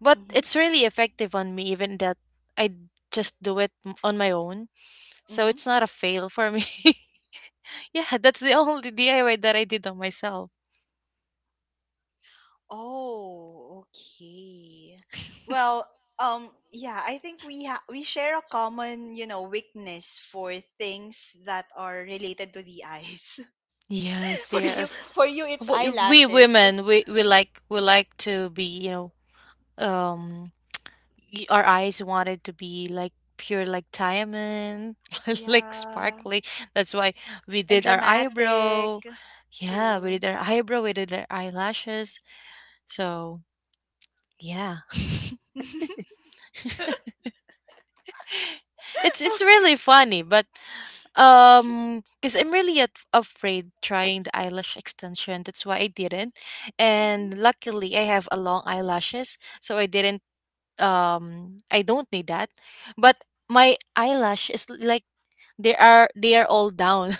Speaker 2: But
Speaker 1: Mm-hmm.
Speaker 2: it's really effective on me, even that I just do it on my own. So
Speaker 1: Mm-hmm.
Speaker 2: it's not a fail for me. Yeah, that's the only DIY that I did on myself.
Speaker 1: Oh, okay. Well, yeah, I think we share a common, weakness for things that are related to the eyes.
Speaker 2: Yes,
Speaker 1: for you,
Speaker 2: yes.
Speaker 1: for you, it's
Speaker 2: But we
Speaker 1: eyelashes.
Speaker 2: women, we like to be, you know, um our eyes wanted to be like pure like diamond like
Speaker 1: Yeah,
Speaker 2: sparkly that's why we
Speaker 1: and
Speaker 2: did our
Speaker 1: dramatic.
Speaker 2: eyebrow yeah we
Speaker 1: True.
Speaker 2: did our eyebrow we did our eyelashes so yeah. It's
Speaker 1: Okay.
Speaker 2: really funny but because I'm really at, afraid trying the eyelash extension that's why I didn't
Speaker 1: Mhm.
Speaker 2: and luckily I have a long eyelashes so I didn't I don't need that but my eyelash is like they are they are all down.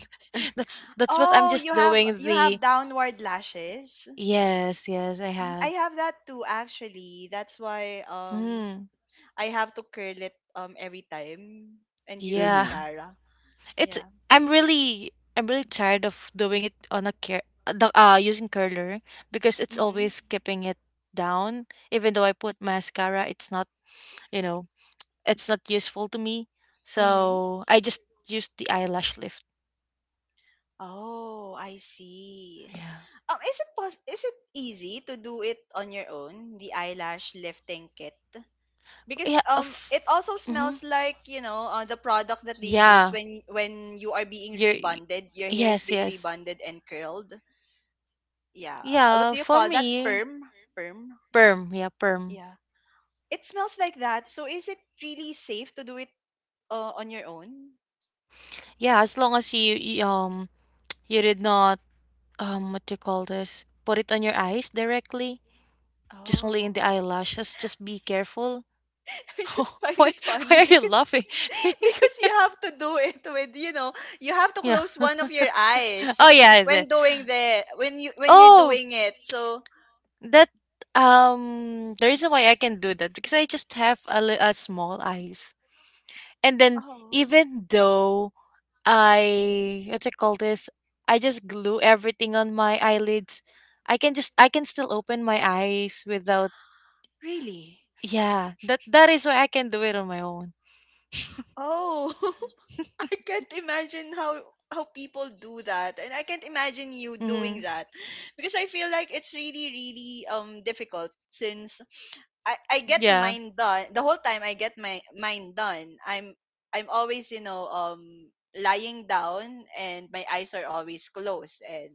Speaker 2: That's what I'm
Speaker 1: Oh,
Speaker 2: just
Speaker 1: you have
Speaker 2: doing
Speaker 1: you
Speaker 2: the
Speaker 1: have downward lashes.
Speaker 2: yes, yes, I
Speaker 1: I
Speaker 2: have.
Speaker 1: have that too actually. That's why
Speaker 2: Mm,
Speaker 1: I have to curl it every time and use
Speaker 3: Mhm.
Speaker 2: yeah.
Speaker 1: mascara.
Speaker 2: It's
Speaker 1: Yeah.
Speaker 2: I'm really tired of doing it on a using curler because it's
Speaker 1: Mhm.
Speaker 2: always keeping it down. Even though I put mascara, it's not, you know, it's not useful to me.
Speaker 1: Mhm.
Speaker 2: So I just use the eyelash lift.
Speaker 1: Oh, I see.
Speaker 2: Yeah.
Speaker 1: Is it easy to do it on your own, the eyelash lifting kit? Because
Speaker 2: Yeah. Of,
Speaker 1: it also
Speaker 2: hmm.
Speaker 1: smells like, the product that they use
Speaker 2: Yeah.
Speaker 1: when you are being
Speaker 2: You're
Speaker 1: rebonded, your hair is
Speaker 2: yes,
Speaker 1: being
Speaker 2: yes.
Speaker 1: rebonded and curled. Yeah. What
Speaker 2: Yeah,
Speaker 1: do you
Speaker 2: for
Speaker 1: call that?
Speaker 2: me,
Speaker 1: Perm? Perm? Yeah.
Speaker 2: perm. Yeah, perm.
Speaker 1: Yeah. It smells like that. So is it really safe to do it on your own?
Speaker 2: Yeah, as long as you you did not what do you call this? Put it on your eyes directly, just only in the
Speaker 1: Oh,
Speaker 2: eyelashes. Just be careful.
Speaker 1: I just find
Speaker 2: Why
Speaker 1: it funny
Speaker 2: are you
Speaker 1: because
Speaker 2: laughing?
Speaker 1: because you have to do it with, you have to
Speaker 2: Yeah.
Speaker 1: close one of your eyes
Speaker 2: Oh yeah, is it?
Speaker 1: when you're
Speaker 2: Oh,
Speaker 1: doing it. So,
Speaker 2: that the reason why I can do that because I just have a, a small eyes. And then
Speaker 1: oh
Speaker 2: even though I what do you call this? I just glue everything on my eyelids. I can just I can still open my eyes without
Speaker 1: really?
Speaker 2: yeah. That that is why I can do it on my own.
Speaker 1: Oh, I can't imagine how people do that, and I can't imagine you doing
Speaker 2: Mm-hmm.
Speaker 1: that because I feel like it's really really difficult since I get
Speaker 2: Yeah.
Speaker 1: mine done the whole time I get my mine done. I'm always lying down and my eyes are always closed, and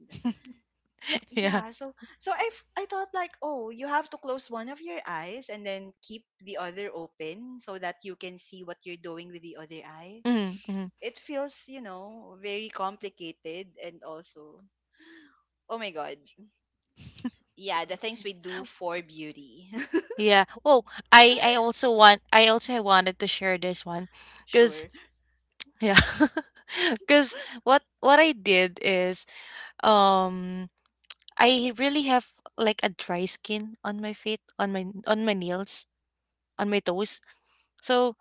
Speaker 2: Yeah.
Speaker 1: yeah, so I thought like, oh, you have to close one of your eyes and then keep the other open so that you can see what you're doing with the other eye.
Speaker 2: Mm-hmm. Mm-hmm.
Speaker 1: It feels very complicated, and also, oh my god, yeah, the things we do for beauty.
Speaker 2: Yeah. Oh, I also wanted to share this one cuz
Speaker 1: Sure.
Speaker 2: yeah. Cuz what I did is um I really have like a dry skin on my feet, on my nails, on my toes. So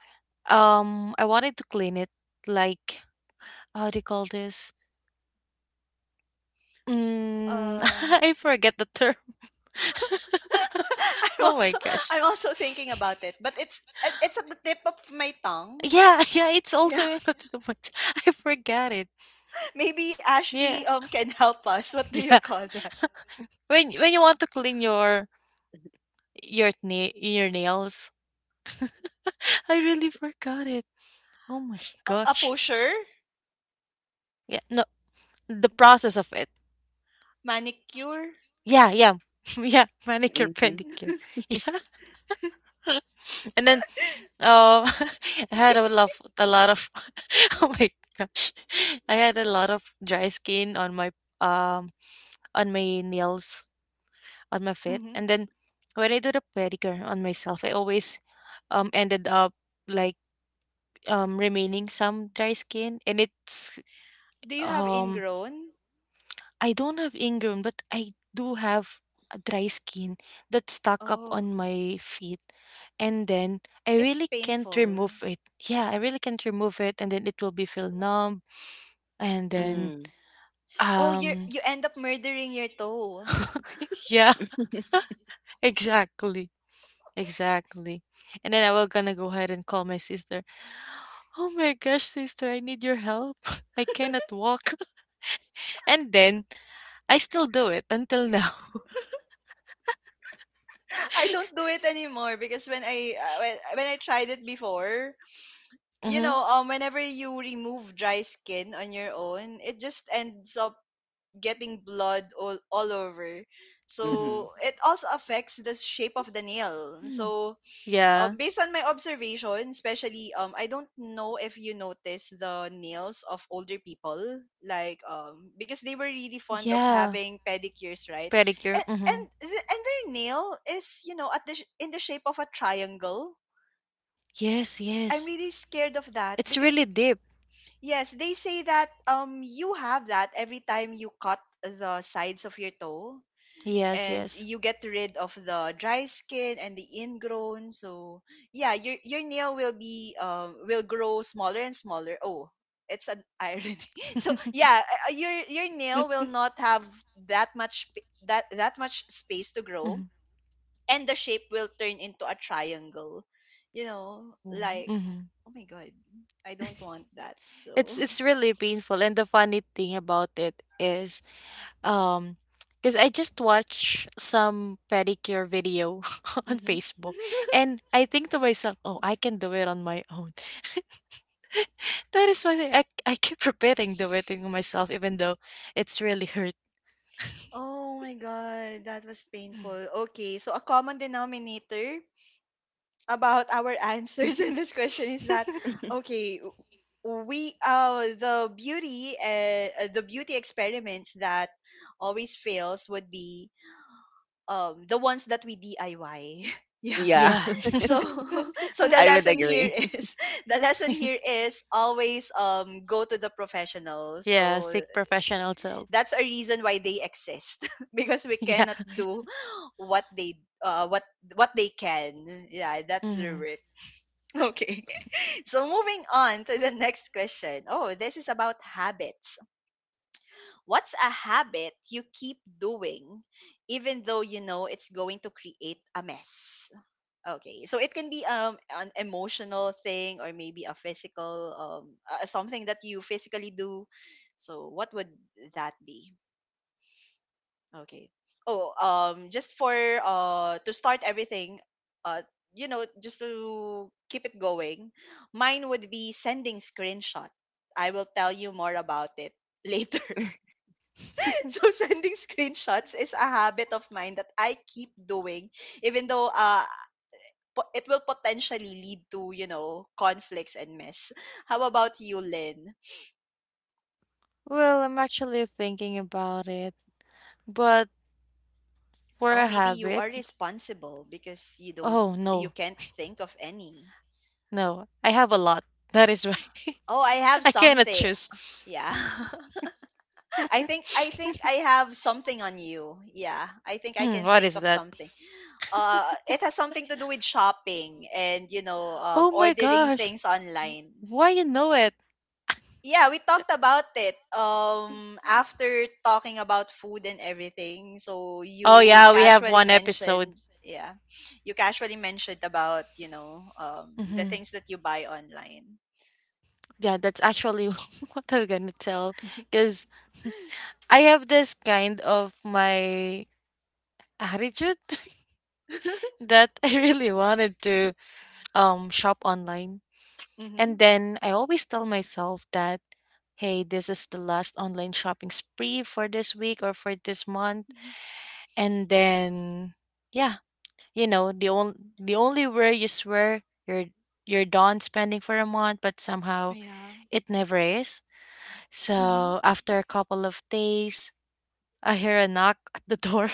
Speaker 2: um, I wanted to clean it like how do you call this? Mm,
Speaker 1: Uh
Speaker 2: I forget the term.
Speaker 1: I'm
Speaker 2: Oh my
Speaker 1: also
Speaker 2: gosh.
Speaker 1: I'm also thinking about it, but it's at the tip of my tongue.
Speaker 2: Yeah, yeah, it's also
Speaker 1: Yeah,
Speaker 2: in Ottomans. I forgot it.
Speaker 1: maybe
Speaker 2: Yeah.
Speaker 1: Ashley can help us. What do
Speaker 2: Yeah.
Speaker 1: you call that?
Speaker 2: When you want to clean your your nails. I really forgot it. Oh my
Speaker 1: A
Speaker 2: gosh.
Speaker 1: pusher,
Speaker 2: Yeah, no, the process of it.
Speaker 1: manicure.
Speaker 2: Yeah, yeah. Yeah, manicure
Speaker 3: Mhm.
Speaker 2: pedicure. Yeah. And then oh, I had a lot of oh my gosh. I had a lot of dry skin um on my nails, on my feet.
Speaker 1: Hmm.
Speaker 2: And then when I do the pedicure on myself, I always ended up like remaining some dry skin and it's
Speaker 1: Do you have
Speaker 2: um
Speaker 1: ingrown?
Speaker 2: I don't have ingrown, but I do have a dry skin that's stuck up
Speaker 1: Oh,
Speaker 2: on my feet. And then I
Speaker 1: it's
Speaker 2: really can't
Speaker 1: painful.
Speaker 2: remove it. Yeah, I really can't remove it. And then it will be feel numb. And
Speaker 1: Hmm.
Speaker 2: then,
Speaker 3: Mm.
Speaker 1: Oh, you
Speaker 2: um,
Speaker 1: you end up murdering your toe.
Speaker 2: yeah, exactly. Exactly. And then I will gonna go ahead and call my sister. Oh my gosh, sister, I need your help. I cannot walk. And then I still do it until now.
Speaker 1: I don't do it anymore because when I tried it before,
Speaker 2: Mm-hmm.
Speaker 1: whenever you remove dry skin on your own, it just ends up getting blood all over.
Speaker 3: Mhm.
Speaker 1: So it also affects the shape of the nail. So
Speaker 2: Yeah.
Speaker 1: um, based on my observation, especially I don't know if you notice the nails of older people, like because they were really fond of
Speaker 2: Yeah,
Speaker 1: having pedicures, right?
Speaker 2: pedicure.
Speaker 1: And and th- and their nail is, in the shape of a triangle.
Speaker 2: Yes,
Speaker 1: I'm
Speaker 2: yes.
Speaker 1: really scared of that
Speaker 2: It's
Speaker 1: because,
Speaker 2: really deep.
Speaker 1: yes, they say that you have that every time you cut the sides of your toe
Speaker 2: Yes,
Speaker 1: and
Speaker 2: yes.
Speaker 1: you get rid of the dry skin and the ingrown, so yeah, your nail will be, will grow smaller and smaller. Oh, it's an irony. So yeah, your nail will not have that much space to grow, and the shape will turn into a triangle, like,
Speaker 2: Mm-hmm.
Speaker 1: oh my god, I don't want that.
Speaker 2: It's
Speaker 1: So
Speaker 2: it's really painful, and the funny thing about it is, um, because I just watched some pedicure video on
Speaker 1: mhm.
Speaker 2: Facebook, and I think to myself, oh, I can do it on my own. That is why I keep repeating do it to myself, even though it's really hurt.
Speaker 1: Oh my god, that was painful. Okay, so a common denominator about our answers in this question is that, okay, we the beauty experiments that always fails would be the ones that we DIY. Yeah.
Speaker 3: Yeah.
Speaker 2: Yeah.
Speaker 1: So so the
Speaker 3: I would
Speaker 1: lesson here
Speaker 3: agree.
Speaker 1: is the lesson here is always go to the professional,
Speaker 2: Yeah,
Speaker 1: so
Speaker 2: seek professional help.
Speaker 1: that's a reason why they exist. Because we
Speaker 2: Yeah.
Speaker 1: cannot do what they uh what what they can. Yeah, that's the
Speaker 2: Mhm.
Speaker 1: work. Okay. So moving on to the next question. Oh, this is about habits. What's a habit you keep doing even though you know it's going to create a mess? Okay. So it can be an emotional thing, or maybe a physical, something that you physically do. So what would that be? Okay. Oh, just for to start everything, uh, just to keep it going, mine would be sending screenshot. I will tell you more about it later. So sending screenshots is a habit of mine that I keep doing, even though, it will potentially lead to, conflicts and mess. How about you, Lynn?
Speaker 2: Well, I'm actually thinking about it, but for
Speaker 1: Oh,
Speaker 2: a
Speaker 1: maybe you
Speaker 2: habit,
Speaker 1: are responsible because
Speaker 2: oh
Speaker 1: you
Speaker 2: no,
Speaker 1: can't think of any.
Speaker 2: no, I have a lot. That is why
Speaker 1: Oh, I have
Speaker 2: I cannot
Speaker 1: something.
Speaker 2: choose.
Speaker 1: Yeah. I think I have something on you. Yeah. I think I
Speaker 2: Mm,
Speaker 1: can
Speaker 2: what
Speaker 1: think
Speaker 2: is
Speaker 1: of
Speaker 2: that?
Speaker 1: something. It has something to do with shopping, and
Speaker 2: Oh my
Speaker 1: ordering
Speaker 2: gosh,
Speaker 1: things online.
Speaker 2: why you know it?
Speaker 1: Yeah, we talked about it after talking about food and everything. So
Speaker 2: Oh
Speaker 1: you
Speaker 2: yeah, we have
Speaker 1: casually
Speaker 2: one episode.
Speaker 1: mentioned, yeah. You casually mentioned about, the
Speaker 2: hmm
Speaker 1: things that you buy online.
Speaker 2: Yeah, that's actually what I'm gonna tell, because I have this kind of my attitude, that I really wanted to shop online. And
Speaker 1: Mhm.
Speaker 2: then I always tell myself that hey, this is the last online shopping spree for this week or for this month. And then yeah, you know, the only where you swear you're done spending for a month, but somehow
Speaker 1: Yeah.
Speaker 2: it never is.
Speaker 1: Mm-hmm.
Speaker 2: So after a couple of days, I hear a knock at the door.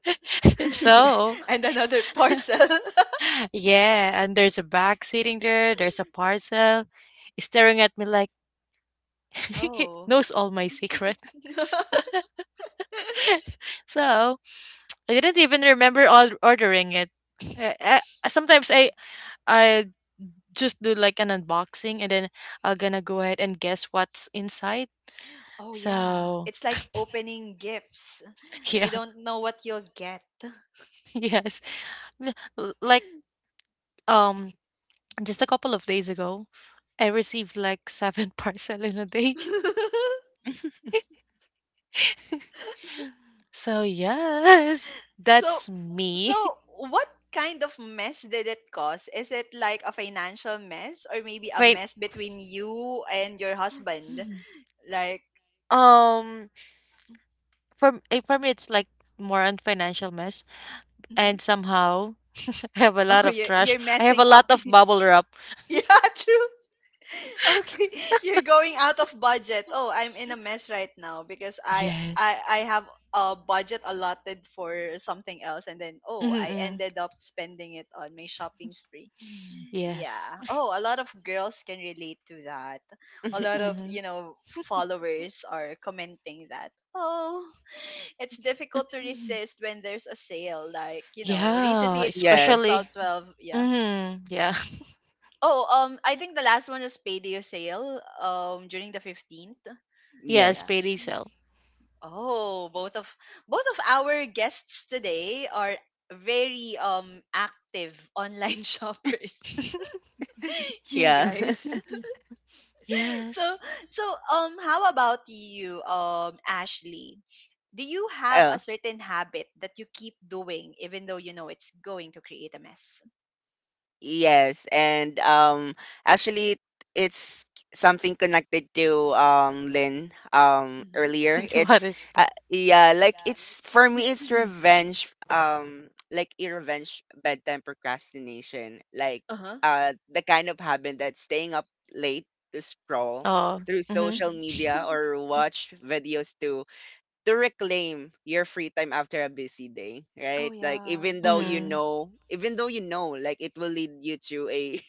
Speaker 2: So
Speaker 1: And another parcel.
Speaker 2: yeah, and there's a bag sitting there, there's a parcel staring at me like it
Speaker 1: Oh.
Speaker 2: knows all my secrets. So I didn't even remember all ordering it. Uh, uh, sometimes I just do like an unboxing and then I'm gonna go ahead and guess what's inside.
Speaker 1: Oh yeah.
Speaker 2: So
Speaker 1: It's like opening gifts.
Speaker 2: yeah,
Speaker 1: You don't know what you'll get.
Speaker 2: yes, L- like um just a couple of days ago, I received like seven parcel in a day. So yes,
Speaker 1: So
Speaker 2: that's me.
Speaker 1: so what kind of mess did it cause? Is it like a financial mess, or maybe a
Speaker 2: Fin-
Speaker 1: mess between you and your husband? Like,
Speaker 2: um for for me it's like more on financial mess
Speaker 1: mhm.
Speaker 2: and somehow I have a lot
Speaker 1: Oh,
Speaker 2: of
Speaker 1: you're
Speaker 2: trash.
Speaker 1: you're
Speaker 2: I have a
Speaker 1: messing up.
Speaker 2: lot of bubble wrap.
Speaker 1: Yeah, true. Okay, you're going out of budget. Oh, I'm in a mess right now because I I
Speaker 2: Yes.
Speaker 1: I have a budget allotted for something else, and then, oh, I
Speaker 2: Mm-mm.
Speaker 1: ended up spending it on my shopping spree.
Speaker 2: Yes.
Speaker 1: Yeah. Oh, a lot of girls can relate to that. A lot of,
Speaker 2: Mm-hmm.
Speaker 1: followers are commenting that. Oh, it's difficult to resist when there's a sale, like,
Speaker 2: Yeah,
Speaker 1: recently it was
Speaker 3: Yes.
Speaker 1: twelve
Speaker 2: especially.
Speaker 1: twelve. yeah.
Speaker 2: Mm-hmm. Yeah.
Speaker 1: Oh, I think the last one was payday sale. During the 15th.
Speaker 2: Yes,
Speaker 1: Yeah.
Speaker 3: Yes.
Speaker 2: payday sale.
Speaker 1: Oh, both of our guests today are very active online shoppers. You
Speaker 3: Yeah.
Speaker 1: guys. so
Speaker 2: yes.
Speaker 1: so, how about you, Ashley? Do you have a
Speaker 3: Oh.
Speaker 1: certain habit that you keep doing even though you know it's going to create a mess?
Speaker 3: Yes, and, actually it's something connected to, Lynn,
Speaker 1: Mm-hmm.
Speaker 3: earlier.
Speaker 2: What
Speaker 3: It's
Speaker 2: is that?
Speaker 3: Yeah, like, it's for me, it's revenge, like a revenge bedtime procrastination. Like,
Speaker 1: Uh huh.
Speaker 3: the kind of habit that's staying up late to scroll
Speaker 2: Oh.
Speaker 3: through
Speaker 2: Mm-hmm.
Speaker 3: social
Speaker 1: Mm-hmm.
Speaker 3: media or watch videos to reclaim your free time after a busy day,
Speaker 1: Oh
Speaker 3: right? Like,
Speaker 1: yeah, true.
Speaker 2: Mm-hmm.
Speaker 3: even though you know, like, it will lead you to a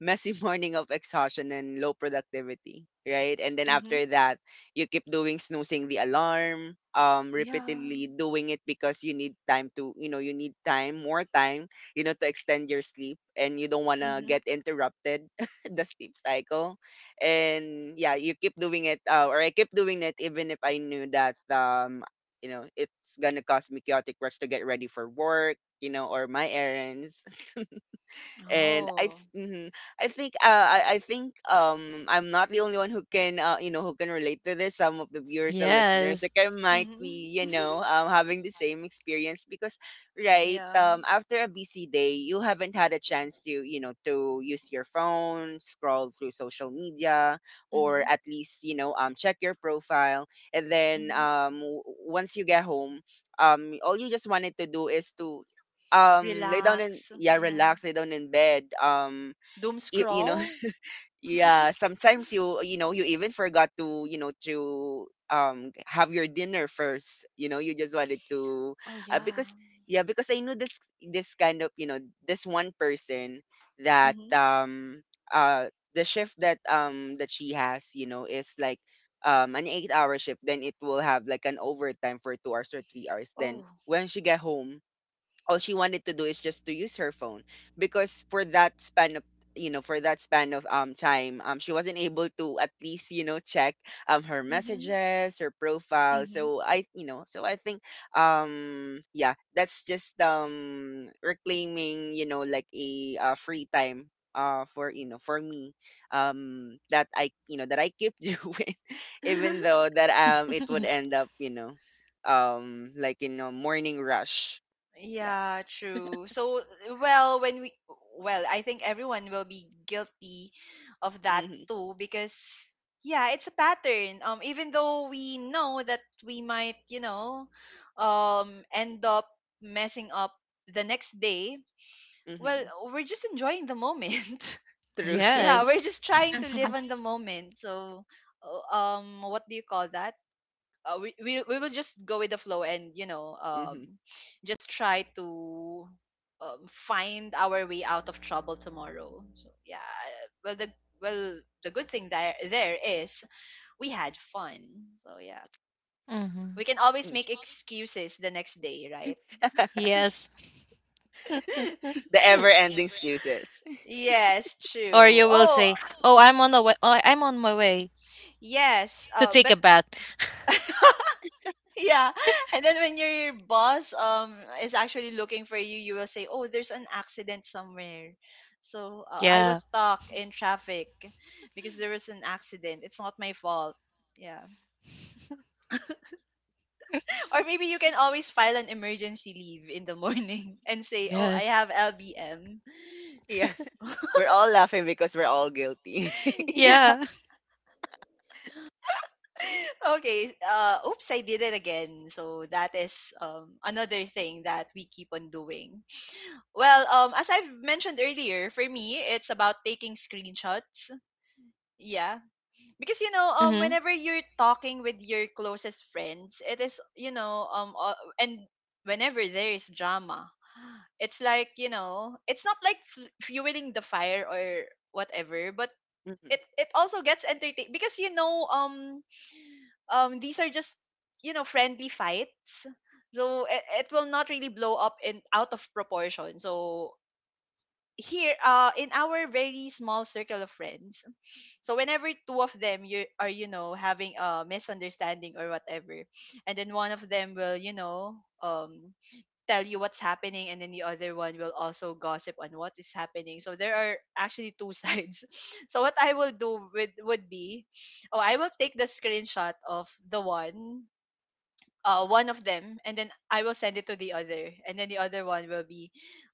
Speaker 3: messy morning of exhaustion and low productivity, right? And then
Speaker 1: Mm-hmm.
Speaker 3: after that, you keep doing snoozing the alarm,
Speaker 1: Yeah.
Speaker 3: repeatedly doing it because, you need time, more time, you know, to extend your sleep and you don't want to
Speaker 1: Mm-hmm.
Speaker 3: get interrupted the sleep cycle. And yeah, you keep doing it, or I keep doing it even if I knew that, it's gonna cause me chaotic rush to get ready for work, you know, or my errands. And
Speaker 1: Oh.
Speaker 3: mhm. I think I'm not the only one who can, who can relate to this. Some of the viewers and listeners,
Speaker 2: Yes.
Speaker 3: like I might
Speaker 1: Mhm.
Speaker 3: be, having the same experience. Because, right,
Speaker 1: Yeah.
Speaker 3: after a busy day, you haven't had a chance to, you know, to use your phone, scroll through social media, or
Speaker 1: Mhm.
Speaker 3: at least, check your profile. And then,
Speaker 1: Mhm.
Speaker 3: once you get home, all you just wanted to do is to, lay down, and
Speaker 1: Relax.
Speaker 3: yeah,
Speaker 1: Yeah.
Speaker 3: relax, lay down in bed,
Speaker 1: Doom
Speaker 3: you, you know,
Speaker 1: scroll?
Speaker 3: yeah, sometimes you, you know you even forgot to, you know, to have your dinner first. You know, you just wanted to,
Speaker 1: Oh, yeah.
Speaker 3: because, yeah, because I knew this, this kind of you know this one person that,
Speaker 1: Mhm.
Speaker 3: uh the shift that, that she has, you know, is like, an 8-hour shift. Then it will have like an overtime for 2 hours or 3 hours. Then
Speaker 1: Oh.
Speaker 3: when she get home, all she wanted to do is just to use her phone. Because for that span of you know for that span of time, she wasn't able to at least, you know, check, her
Speaker 1: Mhm.
Speaker 3: messages, her profile.
Speaker 1: Mhm.
Speaker 3: So I, you know, so I think, yeah, that's just, reclaiming, you know, like a, free time, for, you know, for me, that I, you know, that I keep doing, even though that, it would end up, you know, like, in a morning rush, yeah.
Speaker 1: Yeah, true. So, well, well, I think everyone will be guilty of that
Speaker 3: Mhm.
Speaker 1: too because, yeah, it's a pattern. Even though we know that we might, end up messing up the next day, well,
Speaker 3: Mhm.
Speaker 1: we're just enjoying the moment.
Speaker 3: True.
Speaker 1: Yeah,
Speaker 2: Yes.
Speaker 1: we're just trying to live on the moment. So, what do you call that? We will just go with the flow and,
Speaker 3: Mhm.
Speaker 1: just try to find our way out of trouble tomorrow. So yeah, well the well, the good thing there is, we had fun. So yeah,
Speaker 2: Mhm.
Speaker 1: we can always
Speaker 3: Mm.
Speaker 1: make excuses the next day, right?
Speaker 2: Yes.
Speaker 3: The ever-ending excuses.
Speaker 1: Yes,
Speaker 2: Or
Speaker 1: true.
Speaker 2: you will
Speaker 1: Oh
Speaker 2: say, "Oh, I'm on the way. Oh, I'm on my way
Speaker 1: yes,
Speaker 2: to take
Speaker 1: but
Speaker 2: a bath."
Speaker 1: Yeah. And then when your boss is actually looking for you, you will say, "Oh, there's an accident somewhere." So I
Speaker 2: Yeah.
Speaker 1: was stuck in traffic because there was an accident. It's not my fault. Yeah. Or maybe you can always file an emergency leave in the morning and say, "Oh, I
Speaker 2: Yes.
Speaker 1: have LBM."
Speaker 3: Yeah. We're all laughing because we're all guilty.
Speaker 1: Yeah.
Speaker 2: Yeah.
Speaker 1: Okay. Oops, I did it again. So that is another thing that we keep on doing. Well, as I've mentioned earlier, for me, it's about taking screenshots. Yeah. Because, you know,
Speaker 2: Mhm.
Speaker 1: whenever you're talking with your closest friends, it is, and whenever there is drama, it's like, you know, it's not like fueling the fire or whatever, but
Speaker 3: Mhm.
Speaker 1: it also gets entertaining because, these are just, you know, friendly fights. So it will not really blow up in out of proportion. So here in our very small circle of friends, so whenever two of them, you are, you know, having a misunderstanding or whatever, and then one of them will, you know um tell you what's happening, and then the other one will also gossip on what is happening, so there are actually two sides. So what I will do with would be, oh, I will take the screenshot of the one, one of them, and then I will send it to the other, and then the other one will be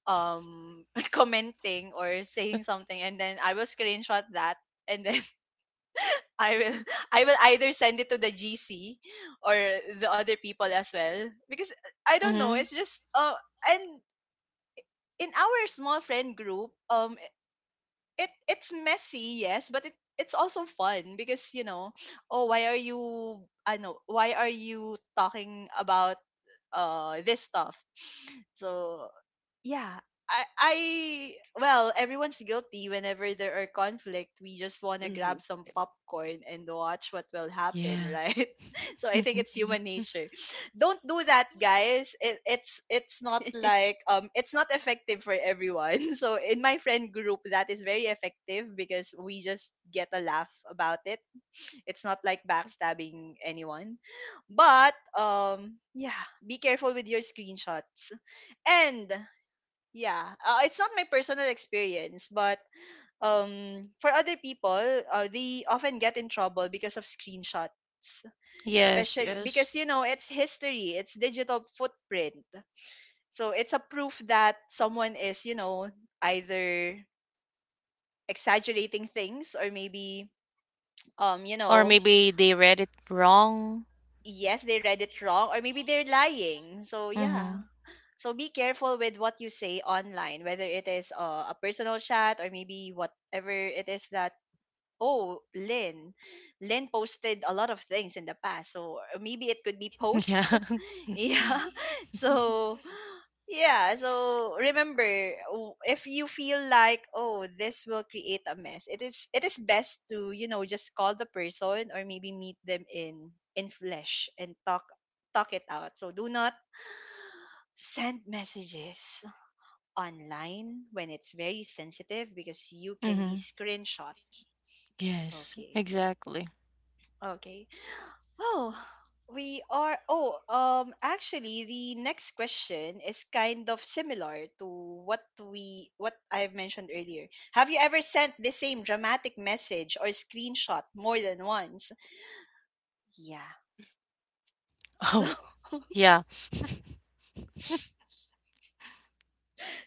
Speaker 1: um commenting or saying something, and then I will screenshot that, and then I will I will either send it to the GC or the other people as well because I don't know,
Speaker 2: Mhm.
Speaker 1: it's just and in our small friend group, it it's messy, yes, but it it's also fun because, you know, oh, why are you, I know why are you talking about this stuff. So yeah. I Well, everyone's guilty. Whenever there are conflict, we just want to grab
Speaker 3: Mhm.
Speaker 1: some popcorn and watch what will happen,
Speaker 2: Yeah.
Speaker 1: right? So I think
Speaker 2: Mhm.
Speaker 1: it's human nature. Don't do that, guys. It's not like it's not effective for everyone. So in my friend group that is very effective because we just get a laugh about it. It's not like backstabbing anyone. But yeah, be careful with your screenshots. And yeah, it's not my personal experience, but um for other people, they often get in trouble because of screenshots.
Speaker 2: Yes.
Speaker 1: Especially
Speaker 2: Yes.
Speaker 1: because, you know, it's history, it's digital footprint. So it's a proof that someone is, you know, either exaggerating things or maybe, um you
Speaker 2: Or
Speaker 1: know
Speaker 2: maybe they read it wrong.
Speaker 1: yes, they read it wrong, or maybe they're lying. So yeah.
Speaker 2: Mhm.
Speaker 1: So be careful with what you say online, whether it is a personal chat or maybe whatever it is that, oh, Lynn, Lynn posted a lot of things in the past. So maybe it could be posts.
Speaker 2: Yeah.
Speaker 1: Yeah. So yeah, so remember, if you feel like, oh, this will create a mess, it is, it is best to, you know, just call the person or maybe meet them in flesh and talk, talk it out. So do not send messages online when it's very sensitive because you can be
Speaker 2: Mhm.
Speaker 1: screenshot.
Speaker 2: Yes.
Speaker 1: Okay.
Speaker 2: Exactly.
Speaker 1: Okay. Oh, we are. Oh, actually, the next question is kind of similar to what I've mentioned earlier. Have you ever sent the same dramatic message or screenshot more than once? Yeah. So
Speaker 2: Oh, yeah.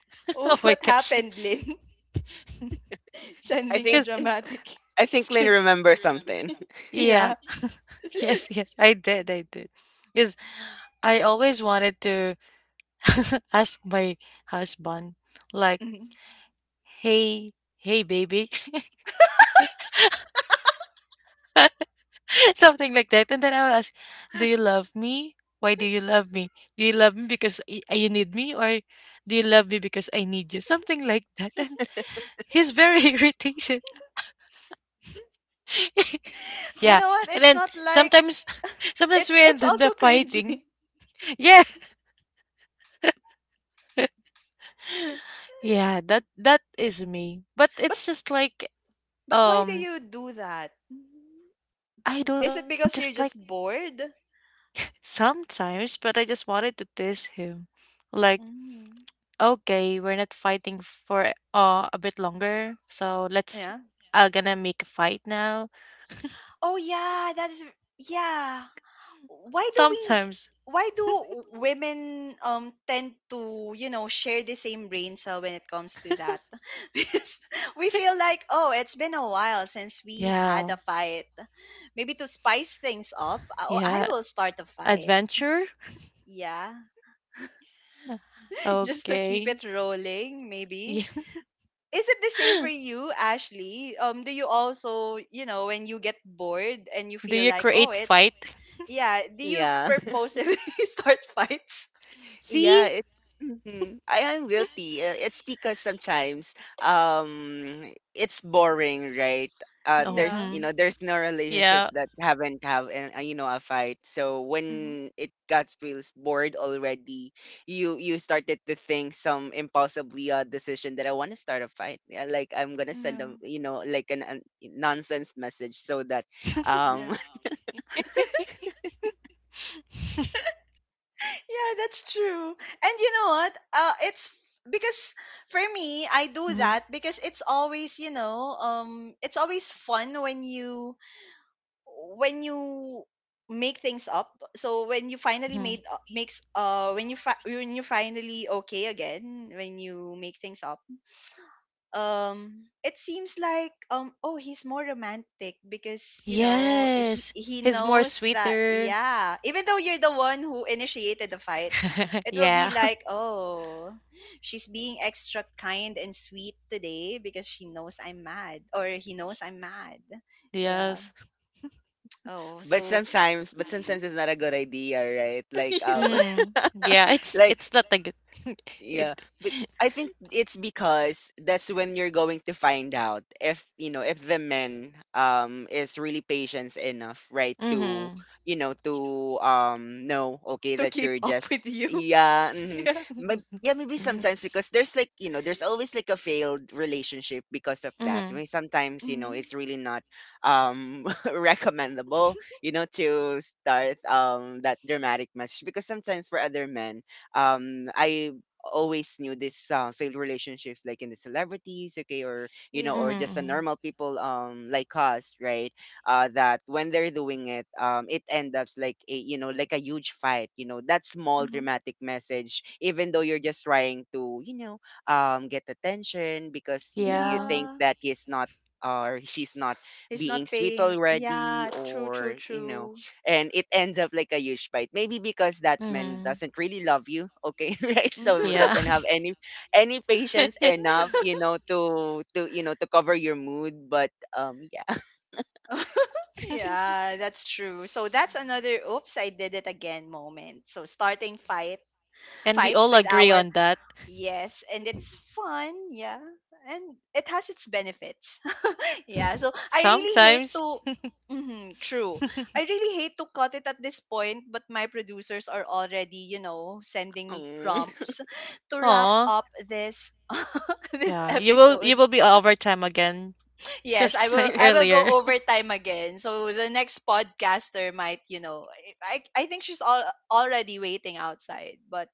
Speaker 2: Oh my
Speaker 1: what
Speaker 2: gosh.
Speaker 1: happened, Lynn?
Speaker 3: I
Speaker 1: Sending a
Speaker 3: think
Speaker 2: Because
Speaker 1: dramatic
Speaker 3: I think Lynn
Speaker 1: screen.
Speaker 3: remembers something.
Speaker 2: yeah.
Speaker 1: Yeah.
Speaker 2: Yes, yes. I did. I did. Because I always wanted to ask my husband, like,
Speaker 1: Mhm.
Speaker 2: hey, hey, baby. Something like that. And then I will ask, do you love me? Why do you love me? Do you love me because you need me? Or do you love me because I need you? Something like that. And he's very irritated.
Speaker 1: You
Speaker 2: Yeah.
Speaker 1: know what?
Speaker 2: And
Speaker 1: It's
Speaker 2: then
Speaker 1: not like,
Speaker 2: sometimes, sometimes we
Speaker 1: it's
Speaker 2: end
Speaker 1: also
Speaker 2: up
Speaker 1: cringy.
Speaker 2: fighting. Yeah. Yeah, that is me. But
Speaker 1: But
Speaker 2: it's just like
Speaker 1: but why do
Speaker 2: um
Speaker 1: you do that?
Speaker 2: I don't
Speaker 1: Is
Speaker 2: know, I
Speaker 1: it
Speaker 2: would
Speaker 1: because you're
Speaker 2: just
Speaker 1: just
Speaker 2: like
Speaker 1: bored?
Speaker 2: sometimes, but I just wanted to diss him. Like,
Speaker 1: Mm.
Speaker 2: okay, we're not fighting for a bit longer, so let's
Speaker 1: Yeah.
Speaker 2: I'm gonna make a fight now.
Speaker 1: Oh yeah, that is, yeah. Why do we
Speaker 2: Sometimes.
Speaker 1: why do women tend to, you know, share the same brain cell when it comes to that? Because we feel like, oh, it's been a while since we had
Speaker 2: Yeah,
Speaker 1: a fight. Maybe to spice things up, oh, I
Speaker 2: yeah.
Speaker 1: will start a fight.
Speaker 2: Adventure?
Speaker 1: Yeah. Just to keep
Speaker 2: Okay.
Speaker 1: it rolling,
Speaker 2: Yeah.
Speaker 1: maybe. Is it the same for you, Ashley? Do you also, you know, when you get bored and you
Speaker 2: Do
Speaker 1: feel
Speaker 2: you
Speaker 1: like, oh,
Speaker 2: create
Speaker 1: it's,
Speaker 2: fight?
Speaker 1: yeah, do you
Speaker 3: Yeah.
Speaker 1: purposely start fights?
Speaker 3: Yeah,
Speaker 2: See?
Speaker 3: mhm. I am guilty. It's because sometimes, um it's boring, right?
Speaker 2: Oh,
Speaker 3: There's
Speaker 1: Yeah.
Speaker 3: you
Speaker 2: hmm.
Speaker 3: know there's no relationship
Speaker 2: Yeah.
Speaker 3: that haven't have a fight. So
Speaker 1: Hmm.
Speaker 3: when it got feels bored already, you started to think some impulsively, decision that I want to start a fight. Yeah, like I'm gonna send
Speaker 1: Yeah.
Speaker 3: them, you know, like, a nonsense message so that,
Speaker 1: Yeah.
Speaker 3: um
Speaker 1: Yeah, that's true. And you know what? It's because, for me, I do
Speaker 2: hmm
Speaker 1: that because it's always, you know, it's always fun when you make things up. So when you finally
Speaker 2: hmm
Speaker 1: made makes when you fi- when you finally okay again, when you make things up, it seems like, oh, he's more romantic because, you know,
Speaker 2: Yes,
Speaker 1: he
Speaker 2: he's more
Speaker 1: knows that,
Speaker 2: sweeter.
Speaker 1: yeah, even though you're the one who initiated the fight, it will
Speaker 2: Yeah.
Speaker 1: be like, oh, she's being extra kind and sweet today because she knows I'm mad, or he knows I'm mad. Yeah.
Speaker 2: Yes.
Speaker 1: Oh
Speaker 3: but
Speaker 1: so.
Speaker 3: sometimes, it's not a good idea, right? Like,
Speaker 1: Yeah,
Speaker 2: Mm. Yeah. It's
Speaker 3: like,
Speaker 2: it's not like good. it
Speaker 3: yeah, I think it's because that's when you're going to find out if, you know, if the man, is really patient enough, right? To,
Speaker 2: mm-hmm.
Speaker 3: you know, to, know, okay,
Speaker 1: to
Speaker 3: that
Speaker 1: keep
Speaker 3: you're
Speaker 1: up
Speaker 3: just,
Speaker 1: with you.
Speaker 3: yeah, mm.
Speaker 1: Yeah.
Speaker 3: Yeah, maybe
Speaker 2: Mm-hmm.
Speaker 3: sometimes because there's always like a failed relationship because of that. I
Speaker 2: Mm-hmm.
Speaker 3: mean sometimes, you know,
Speaker 1: Hmm.
Speaker 3: it's really not, um recommendable, you know, to start, that dramatic message, because sometimes for other men, I always knew this, failed relationships like in the celebrities, okay, or,
Speaker 1: Yeah.
Speaker 3: just the
Speaker 2: Mm-hmm.
Speaker 3: normal people, like us, right? That when they're doing it, it ends up like a, you know, like a huge fight, you know, that small
Speaker 1: Hmm.
Speaker 3: dramatic message, even though you're just trying to, get attention, because you
Speaker 2: Yeah.
Speaker 3: think
Speaker 1: Yeah.
Speaker 3: that he's not, or she's not
Speaker 1: He's
Speaker 3: being
Speaker 1: not
Speaker 3: sweet
Speaker 1: paying,
Speaker 3: already,
Speaker 1: yeah, true, true,
Speaker 3: or, you know,
Speaker 1: true.
Speaker 3: and it ends up like a huge fight. Maybe because that man
Speaker 2: Mm-hmm.
Speaker 3: doesn't really love you, okay, right? So
Speaker 2: Yeah.
Speaker 3: doesn't have any patience enough, you know, to cover your mood. But, yeah.
Speaker 1: Yeah, that's true. So that's another oops, I did it again moment. So starting
Speaker 2: And we
Speaker 1: fights
Speaker 2: all
Speaker 1: with
Speaker 2: agree
Speaker 1: our,
Speaker 2: on that.
Speaker 1: yes, and it's fun, yeah. And it has its benefits. Yeah, so I really hate
Speaker 2: Sometimes.
Speaker 1: to, mhm, true. I really hate to cut it at this point, but my producers are already, you know, sending me
Speaker 3: Mm.
Speaker 1: prompts to wrap
Speaker 2: Oh.
Speaker 1: up this this
Speaker 2: Yeah. You will
Speaker 1: episode.
Speaker 2: you will be overtime again,
Speaker 1: Yes,
Speaker 2: just like
Speaker 1: I will go
Speaker 2: earlier.
Speaker 1: overtime again. So the next podcaster might, you know, I think she's already waiting outside. But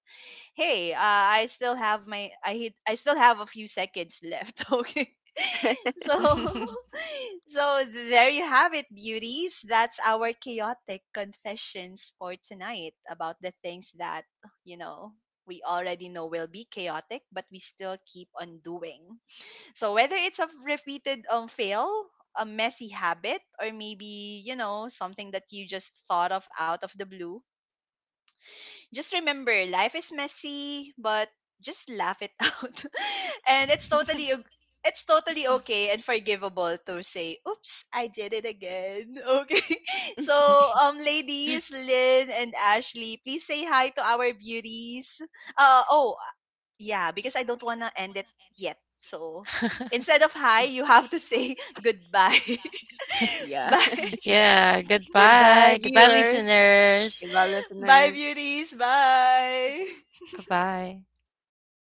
Speaker 1: hey, I still have my I still have a few seconds left, okay? So so there you have it, beauties. That's our chaotic confessions for tonight about the things that, you know, we already know will be chaotic, but we still keep on doing. So whether it's a repeated fail, a messy habit, or maybe, you know, something that you just thought of out of the blue, just remember, life is messy, but just laugh it out. And it's totally o- It's totally okay and forgivable to say, oops, I did it again. Okay. So, ladies, Lynn and Ashley, please say hi to our beauties. Uh, oh, yeah, because I don't want to end it yet. So instead of hi, you have to say goodbye.
Speaker 2: Goodbye.
Speaker 3: Yeah.
Speaker 1: Bye.
Speaker 2: yeah,
Speaker 3: Goodbye,
Speaker 2: goodbye. Goodbye,
Speaker 3: viewers.
Speaker 2: listeners.
Speaker 3: Goodbye,
Speaker 1: Bye,
Speaker 3: listeners.
Speaker 1: beauties. Bye.
Speaker 2: Bye bye.
Speaker 3: Bye.